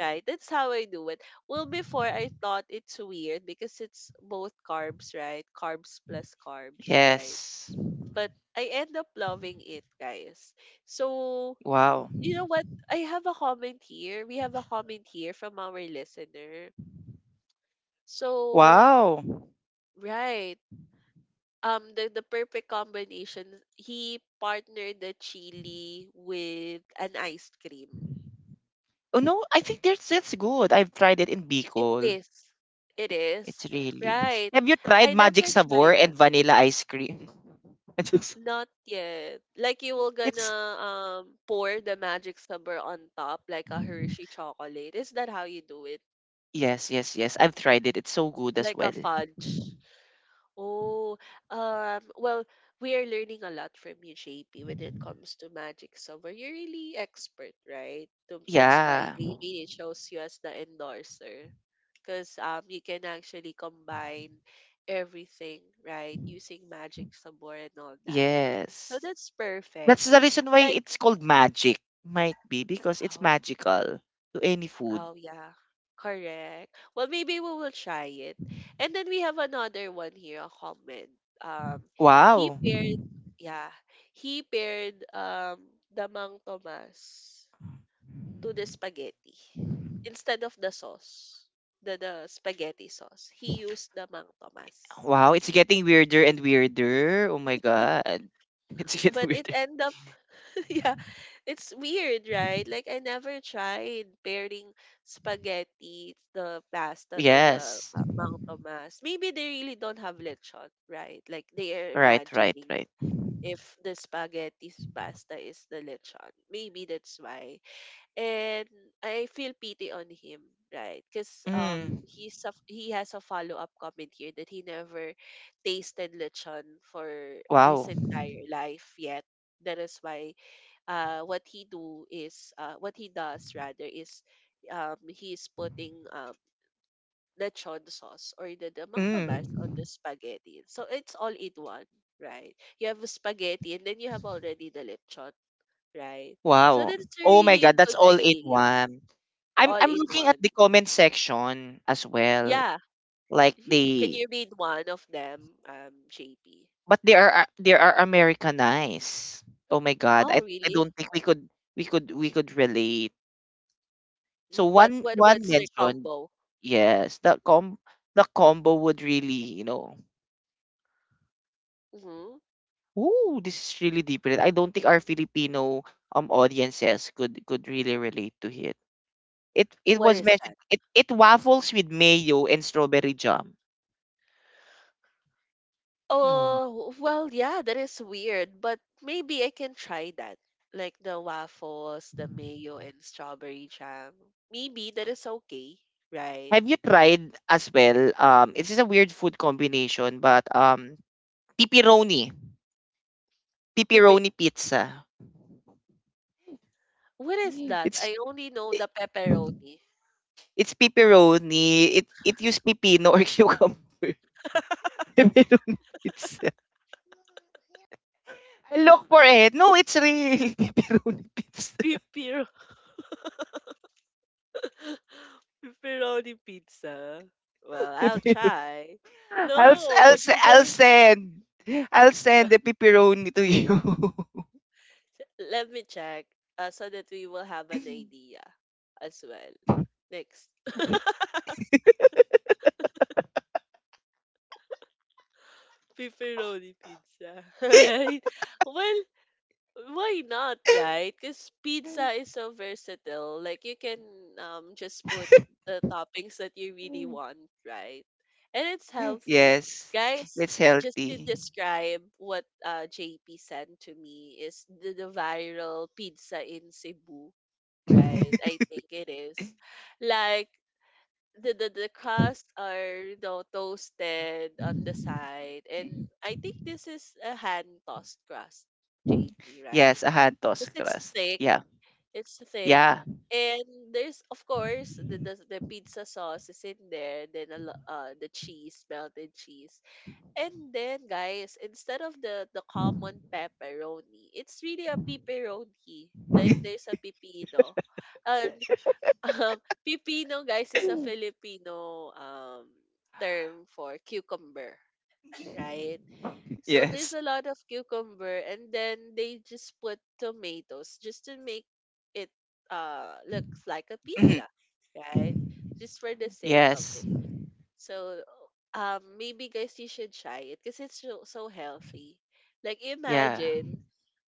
[SPEAKER 1] Right, that's how I do it. Well, before I thought it's weird because it's both carbs, right? Carbs plus carbs, right?
[SPEAKER 2] Yes.
[SPEAKER 1] But I end up loving it, guys. So,
[SPEAKER 2] Wow.
[SPEAKER 1] you know what? I have a comment here. We have a comment here from our listener. So,
[SPEAKER 2] Wow.
[SPEAKER 1] right. Um, the, the perfect combination, he partnered the chili with an ice cream.
[SPEAKER 2] Oh no, I think that's that's good. I've tried it in
[SPEAKER 1] It
[SPEAKER 2] Bicol.
[SPEAKER 1] is. It
[SPEAKER 2] It's
[SPEAKER 1] is.
[SPEAKER 2] really.
[SPEAKER 1] Right.
[SPEAKER 2] Have you tried
[SPEAKER 1] I
[SPEAKER 2] magic
[SPEAKER 1] never
[SPEAKER 2] sabor
[SPEAKER 1] tried it.
[SPEAKER 2] and vanilla ice cream? [LAUGHS] It's just-
[SPEAKER 1] Not yet. Like you will gonna
[SPEAKER 2] it's-
[SPEAKER 1] um pour the magic supper on top like a Hershey chocolate. Is that how you do it?
[SPEAKER 2] yes, yes, yes. I've tried it. It's so good as
[SPEAKER 1] Like a
[SPEAKER 2] well.
[SPEAKER 1] fudge. Oh, um, well, we are learning a lot from you, J P, when it comes to magic supper. You're really expert, right? So that's why
[SPEAKER 2] Yeah.
[SPEAKER 1] they really chose you as the endorser. Because um, you can actually combine everything, right? Using magic sabor and all that. So
[SPEAKER 2] Yes.
[SPEAKER 1] that's perfect.
[SPEAKER 2] That's the reason why
[SPEAKER 1] Like,
[SPEAKER 2] it's called magic. Might be because it's
[SPEAKER 1] oh,
[SPEAKER 2] magical to any food.
[SPEAKER 1] oh yeah. Correct. Well, maybe we will try it. And then we have another one here, a comment. Um, he
[SPEAKER 2] Wow.
[SPEAKER 1] paired, yeah, he paired um Damang Tomas to the spaghetti instead of the sauce, the the spaghetti sauce. He used Damang Tomas,
[SPEAKER 2] Wow, it's getting weirder and weirder. Oh my god. [LAUGHS] It's getting
[SPEAKER 1] but it
[SPEAKER 2] weirder.
[SPEAKER 1] ended up— [LAUGHS] yeah, it's weird, right? Like I never tried pairing spaghetti, the pasta to the
[SPEAKER 2] Yes.
[SPEAKER 1] ma- Mang Tomas. Maybe they really don't have lechon, right? Like they are
[SPEAKER 2] Right, right,
[SPEAKER 1] imagining
[SPEAKER 2] right.
[SPEAKER 1] if the spaghetti's pasta is the lechon. Maybe that's why. And I feel pity on him, right? Because um
[SPEAKER 2] Mm.
[SPEAKER 1] he's a, he has a follow up comment here that he never tasted lechon for his
[SPEAKER 2] Wow.
[SPEAKER 1] entire life yet. That is why uh, what he do is uh, what he does rather is um, he's putting um, lechon sauce or the, the amount of on the
[SPEAKER 2] Mm.
[SPEAKER 1] spaghetti. So it's all in one, right? You have a spaghetti and then you have already the lechon, right? So
[SPEAKER 2] Wow.
[SPEAKER 1] that's a
[SPEAKER 2] Oh my
[SPEAKER 1] really
[SPEAKER 2] god, that's
[SPEAKER 1] good
[SPEAKER 2] all in
[SPEAKER 1] idea,
[SPEAKER 2] one. I'm
[SPEAKER 1] all
[SPEAKER 2] I'm
[SPEAKER 1] in
[SPEAKER 2] looking at
[SPEAKER 1] one.
[SPEAKER 2] the comment section as well.
[SPEAKER 1] Yeah.
[SPEAKER 2] Like
[SPEAKER 1] Mhm. Can
[SPEAKER 2] they
[SPEAKER 1] you read one of them, um, J P?
[SPEAKER 2] But they are a- they are Americanized. Oh my God, I
[SPEAKER 1] Oh,
[SPEAKER 2] I
[SPEAKER 1] really?
[SPEAKER 2] don't think we could we could we could relate. So
[SPEAKER 1] But
[SPEAKER 2] one
[SPEAKER 1] what
[SPEAKER 2] one
[SPEAKER 1] what's the
[SPEAKER 2] mentioned
[SPEAKER 1] combo?
[SPEAKER 2] yes, the com the combo would really, you know.
[SPEAKER 1] Hmm.
[SPEAKER 2] Ooh, this is really different. I don't think our Filipino um audiences could could really relate to it. It it
[SPEAKER 1] What
[SPEAKER 2] was
[SPEAKER 1] is
[SPEAKER 2] mentioned.
[SPEAKER 1] that?
[SPEAKER 2] It it waffles with mayo and strawberry jam. No.
[SPEAKER 1] Oh, well, yeah, that is weird, but maybe I can try that. Like the waffles, the mayo, and strawberry jam. Maybe that is okay, right?
[SPEAKER 2] Have you tried as well? Um, it is a weird food combination, but um, pepperoni.
[SPEAKER 1] Piper.
[SPEAKER 2] Pepperoni pizza.
[SPEAKER 1] What is
[SPEAKER 2] [GASPS]
[SPEAKER 1] that?
[SPEAKER 2] It's
[SPEAKER 1] I only know
[SPEAKER 2] it,
[SPEAKER 1] the pepperoni.
[SPEAKER 2] it's pepperoni. It it used pepino or [LAUGHS] cucumber.
[SPEAKER 1] [LAUGHS]
[SPEAKER 2] Pepperoni pizza. I look for it. No, it's real. [LAUGHS] Pepperoni pizza.
[SPEAKER 1] Piper. [LAUGHS] pepperoni pizza. Well, I'll
[SPEAKER 2] Pepperoni.
[SPEAKER 1] try.
[SPEAKER 2] [LAUGHS] I'll s-
[SPEAKER 1] No,
[SPEAKER 2] I'll
[SPEAKER 1] the
[SPEAKER 2] s- I'll
[SPEAKER 1] Google.
[SPEAKER 2] send I'll send the pepperoni to you.
[SPEAKER 1] Let me check uh, so that we will have an idea as well. Next. Pepperoni pizza, [LAUGHS] right? Well, why not,
[SPEAKER 2] [LAUGHS]
[SPEAKER 1] right? Because pizza is so versatile. Like you can um just put the toppings that you really want, right? And it's healthy.
[SPEAKER 2] Yes,
[SPEAKER 1] Guys,
[SPEAKER 2] it's
[SPEAKER 1] just to
[SPEAKER 2] healthy.
[SPEAKER 1] describe what uh, J P sent to me is the, the viral pizza in Cebu, right?
[SPEAKER 2] [LAUGHS]
[SPEAKER 1] I think it is. Like the the the crust are, you know, toasted on the side, and I think this is a hand tossed crust, J P, right?
[SPEAKER 2] Yes, a hand
[SPEAKER 1] Because
[SPEAKER 2] tossed
[SPEAKER 1] it's
[SPEAKER 2] crust.
[SPEAKER 1] thick,
[SPEAKER 2] Yeah,
[SPEAKER 1] it's thick
[SPEAKER 2] yeah,
[SPEAKER 1] and there's of course the, the the pizza sauce is in there, then a lo- uh the cheese, melted cheese, and then guys, instead of the the common pepperoni, it's really a pepperoni, like there's a pepino, and um, [LAUGHS] pipino, guys, is a Filipino um term for cucumber, right?
[SPEAKER 2] [LAUGHS]
[SPEAKER 1] So there's
[SPEAKER 2] yes,
[SPEAKER 1] a lot of cucumber, and then they just put tomatoes just to make it uh looks like a pizza, right? Just for the
[SPEAKER 2] [CLEARS THROAT]
[SPEAKER 1] sake of
[SPEAKER 2] yes,
[SPEAKER 1] it. So, um, maybe guys, you should try it because it's so, so healthy. Like,
[SPEAKER 2] yeah,
[SPEAKER 1] imagine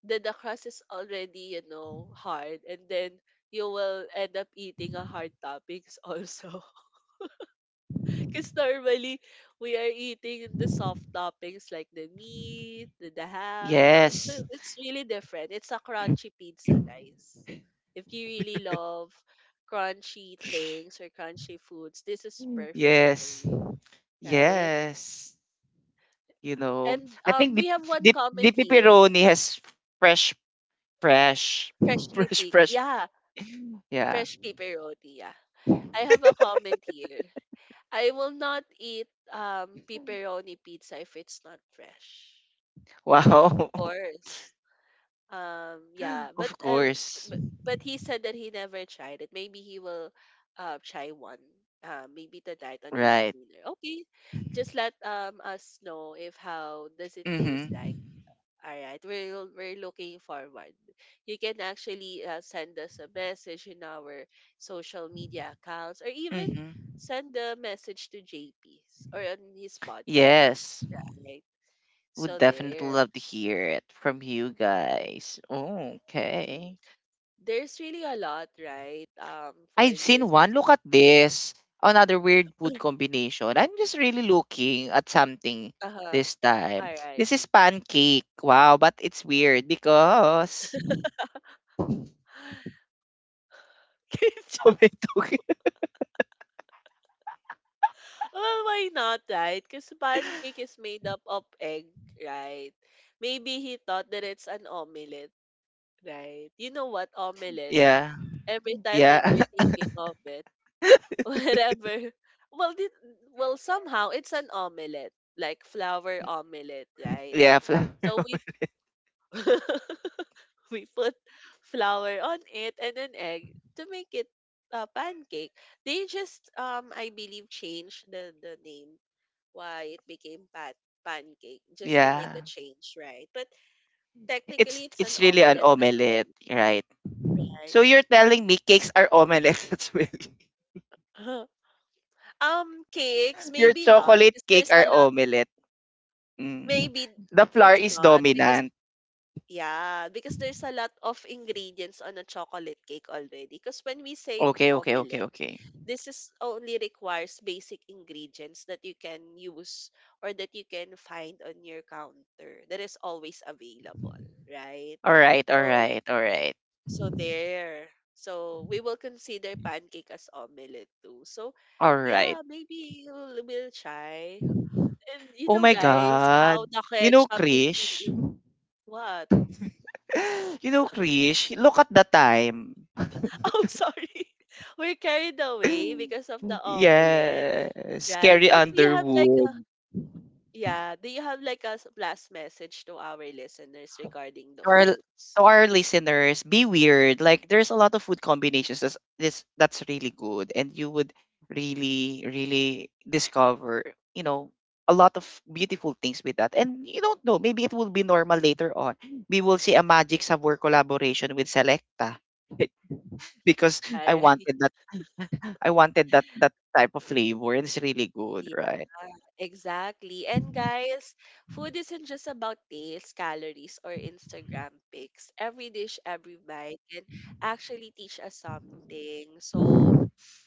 [SPEAKER 1] that the crust is already, you know, hard, and then you will end up eating a hard toppings also. [LAUGHS] Because normally we are eating the soft toppings like the meat, the, the ham, and all.
[SPEAKER 2] yes.
[SPEAKER 1] So it's really different. It's a crunchy pizza, guys. If you really love crunchy things or crunchy foods, this is perfect for
[SPEAKER 2] Yes.
[SPEAKER 1] you, right?
[SPEAKER 2] Yes. You know,
[SPEAKER 1] And
[SPEAKER 2] I
[SPEAKER 1] um,
[SPEAKER 2] think the
[SPEAKER 1] we have one
[SPEAKER 2] the, the
[SPEAKER 1] comment here.
[SPEAKER 2] pepperoni has fresh, fresh, [LAUGHS]
[SPEAKER 1] Freshly
[SPEAKER 2] fresh,
[SPEAKER 1] picked.
[SPEAKER 2] fresh.
[SPEAKER 1] Yeah,
[SPEAKER 2] Yeah.
[SPEAKER 1] fresh pepperoni. Yeah. I have a comment here. I will not eat um pepperoni pizza if it's not fresh. Right? Of
[SPEAKER 2] Wow.
[SPEAKER 1] course. Um yeah,
[SPEAKER 2] [LAUGHS]
[SPEAKER 1] but
[SPEAKER 2] Of
[SPEAKER 1] uh, w-
[SPEAKER 2] course.
[SPEAKER 1] but, but he said that he never tried it. Maybe he will uh try one. Uh, maybe tonight on his
[SPEAKER 2] Right.
[SPEAKER 1] dinner. Okay, just let um us know if how does it taste
[SPEAKER 2] Mm-hmm.
[SPEAKER 1] like. All right, we're we're looking forward. You can actually uh, send us a message in our social media accounts, or even
[SPEAKER 2] Mm-hmm.
[SPEAKER 1] send a message to J P's or on his podcast.
[SPEAKER 2] Yes.
[SPEAKER 1] Right.
[SPEAKER 2] Would
[SPEAKER 1] So
[SPEAKER 2] definitely
[SPEAKER 1] there.
[SPEAKER 2] love to hear it from you
[SPEAKER 1] Mhm,
[SPEAKER 2] guys. Oh,
[SPEAKER 1] mhm.
[SPEAKER 2] okay.
[SPEAKER 1] There's really a lot, right? Um, for
[SPEAKER 2] I've seen
[SPEAKER 1] this.
[SPEAKER 2] one.
[SPEAKER 1] [CLEARS THROAT]
[SPEAKER 2] Look at this. Another weird food
[SPEAKER 1] [LAUGHS]
[SPEAKER 2] combination. I'm just really looking at something
[SPEAKER 1] Uh-huh.
[SPEAKER 2] this time.
[SPEAKER 1] All right.
[SPEAKER 2] This is pancake. Wow, but it's weird because
[SPEAKER 1] [LAUGHS]
[SPEAKER 2] [LAUGHS]
[SPEAKER 1] Ketchup.
[SPEAKER 2] tomato.
[SPEAKER 1] Well, why not, right? Because pancake is made up of egg, right? Maybe he thought that it's an omelet. Right. You know what? Omelette.
[SPEAKER 2] Yeah,
[SPEAKER 1] Every time that
[SPEAKER 2] yeah,
[SPEAKER 1] you're thinking of it, [LAUGHS] whatever. Well, did, well, somehow it's an omelette, like flour omelette,
[SPEAKER 2] [LAUGHS]
[SPEAKER 1] right?
[SPEAKER 2] yeah, flour.
[SPEAKER 1] So we— [LAUGHS] we put flour on it and an egg to make it a pancake. They just um I believe changed the the name why it became pan pancake just to make a
[SPEAKER 2] Yeah.
[SPEAKER 1] change, right? But
[SPEAKER 2] It's
[SPEAKER 1] technically it's an
[SPEAKER 2] it's really an
[SPEAKER 1] omelette as
[SPEAKER 2] omelette,
[SPEAKER 1] well,
[SPEAKER 2] right?
[SPEAKER 1] right?
[SPEAKER 2] So you're telling me cakes are omelette [LAUGHS] as well.
[SPEAKER 1] [LAUGHS] Um, cakes,
[SPEAKER 2] Your
[SPEAKER 1] maybe not
[SPEAKER 2] chocolate
[SPEAKER 1] because
[SPEAKER 2] cake
[SPEAKER 1] there's
[SPEAKER 2] are
[SPEAKER 1] a lot—
[SPEAKER 2] omelette. Mm.
[SPEAKER 1] maybe
[SPEAKER 2] The flour
[SPEAKER 1] it's
[SPEAKER 2] is
[SPEAKER 1] not because
[SPEAKER 2] dominant.
[SPEAKER 1] yeah, because there's a lot of ingredients on a chocolate cake already. Because when we say
[SPEAKER 2] Okay, okay, okay,
[SPEAKER 1] omelette,
[SPEAKER 2] okay.
[SPEAKER 1] this is only requires basic ingredients that you can use or that you can find on your counter that is always available, right?
[SPEAKER 2] All right, all
[SPEAKER 1] So,
[SPEAKER 2] right, all right.
[SPEAKER 1] so there. So we will consider pancake as omelette too. So,
[SPEAKER 2] All right.
[SPEAKER 1] yeah, maybe we'll, we'll try. And you
[SPEAKER 2] Oh
[SPEAKER 1] know,
[SPEAKER 2] my
[SPEAKER 1] guys,
[SPEAKER 2] God.
[SPEAKER 1] how the
[SPEAKER 2] You know,
[SPEAKER 1] ketchup is
[SPEAKER 2] Krish.
[SPEAKER 1] being—
[SPEAKER 2] [GASPS]
[SPEAKER 1] what?
[SPEAKER 2] [LAUGHS] You know, Krish. Look at the time. [GASPS]
[SPEAKER 1] [LAUGHS] Oh, sorry. [LAUGHS] We're carried away
[SPEAKER 2] [LAUGHS]
[SPEAKER 1] because of the omelette,
[SPEAKER 2] Yes.
[SPEAKER 1] right?
[SPEAKER 2] Carrie
[SPEAKER 1] But do you have like a—
[SPEAKER 2] Underwood.
[SPEAKER 1] yeah, do you have like a s- last message to our listeners regarding the
[SPEAKER 2] To our, to
[SPEAKER 1] foods?
[SPEAKER 2] our listeners, be weird. Like, there's a lot of food combinations that's, this, that's really good. And you would really, really discover, you know, a lot of beautiful things with that. And you don't know. Maybe it will be normal later on. We will see a Magic Sabor collaboration with Selecta. Because
[SPEAKER 1] All
[SPEAKER 2] I
[SPEAKER 1] right.
[SPEAKER 2] wanted
[SPEAKER 1] [LAUGHS]
[SPEAKER 2] that I wanted that that type of flavor and it's really good,
[SPEAKER 1] Yeah,
[SPEAKER 2] right?
[SPEAKER 1] exactly. And guys, food isn't just about taste, calories, or Instagram pics. Every dish, every bite can actually teach us something. So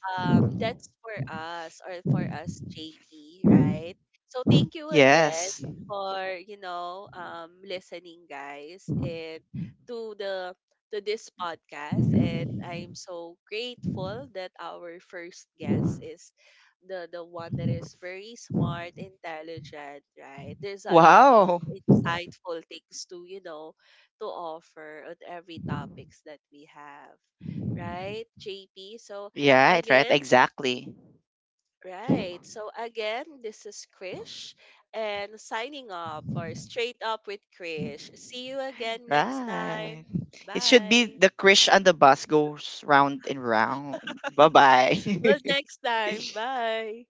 [SPEAKER 1] Um, that's for us or for us, J P, right? So thank you again
[SPEAKER 2] Yes.
[SPEAKER 1] for, you know, um, listening, guys, and to the— to this podcast. And I'm so grateful that our first guest is the the one that is very smart, intelligent, right? There's a lot of
[SPEAKER 2] Wow.
[SPEAKER 1] insightful things to, you know, to offer on every topics that we have, right, J P? So
[SPEAKER 2] Yeah, it right.
[SPEAKER 1] again,
[SPEAKER 2] Exactly.
[SPEAKER 1] right. So again, this is Krish and signing up for Straight Up with Krish. See you again next time.
[SPEAKER 2] Right. It should be
[SPEAKER 1] Bye.
[SPEAKER 2] the Krish and the bus goes round and round. Bye
[SPEAKER 1] Well,
[SPEAKER 2] bye. [LAUGHS]
[SPEAKER 1] next time. Bye.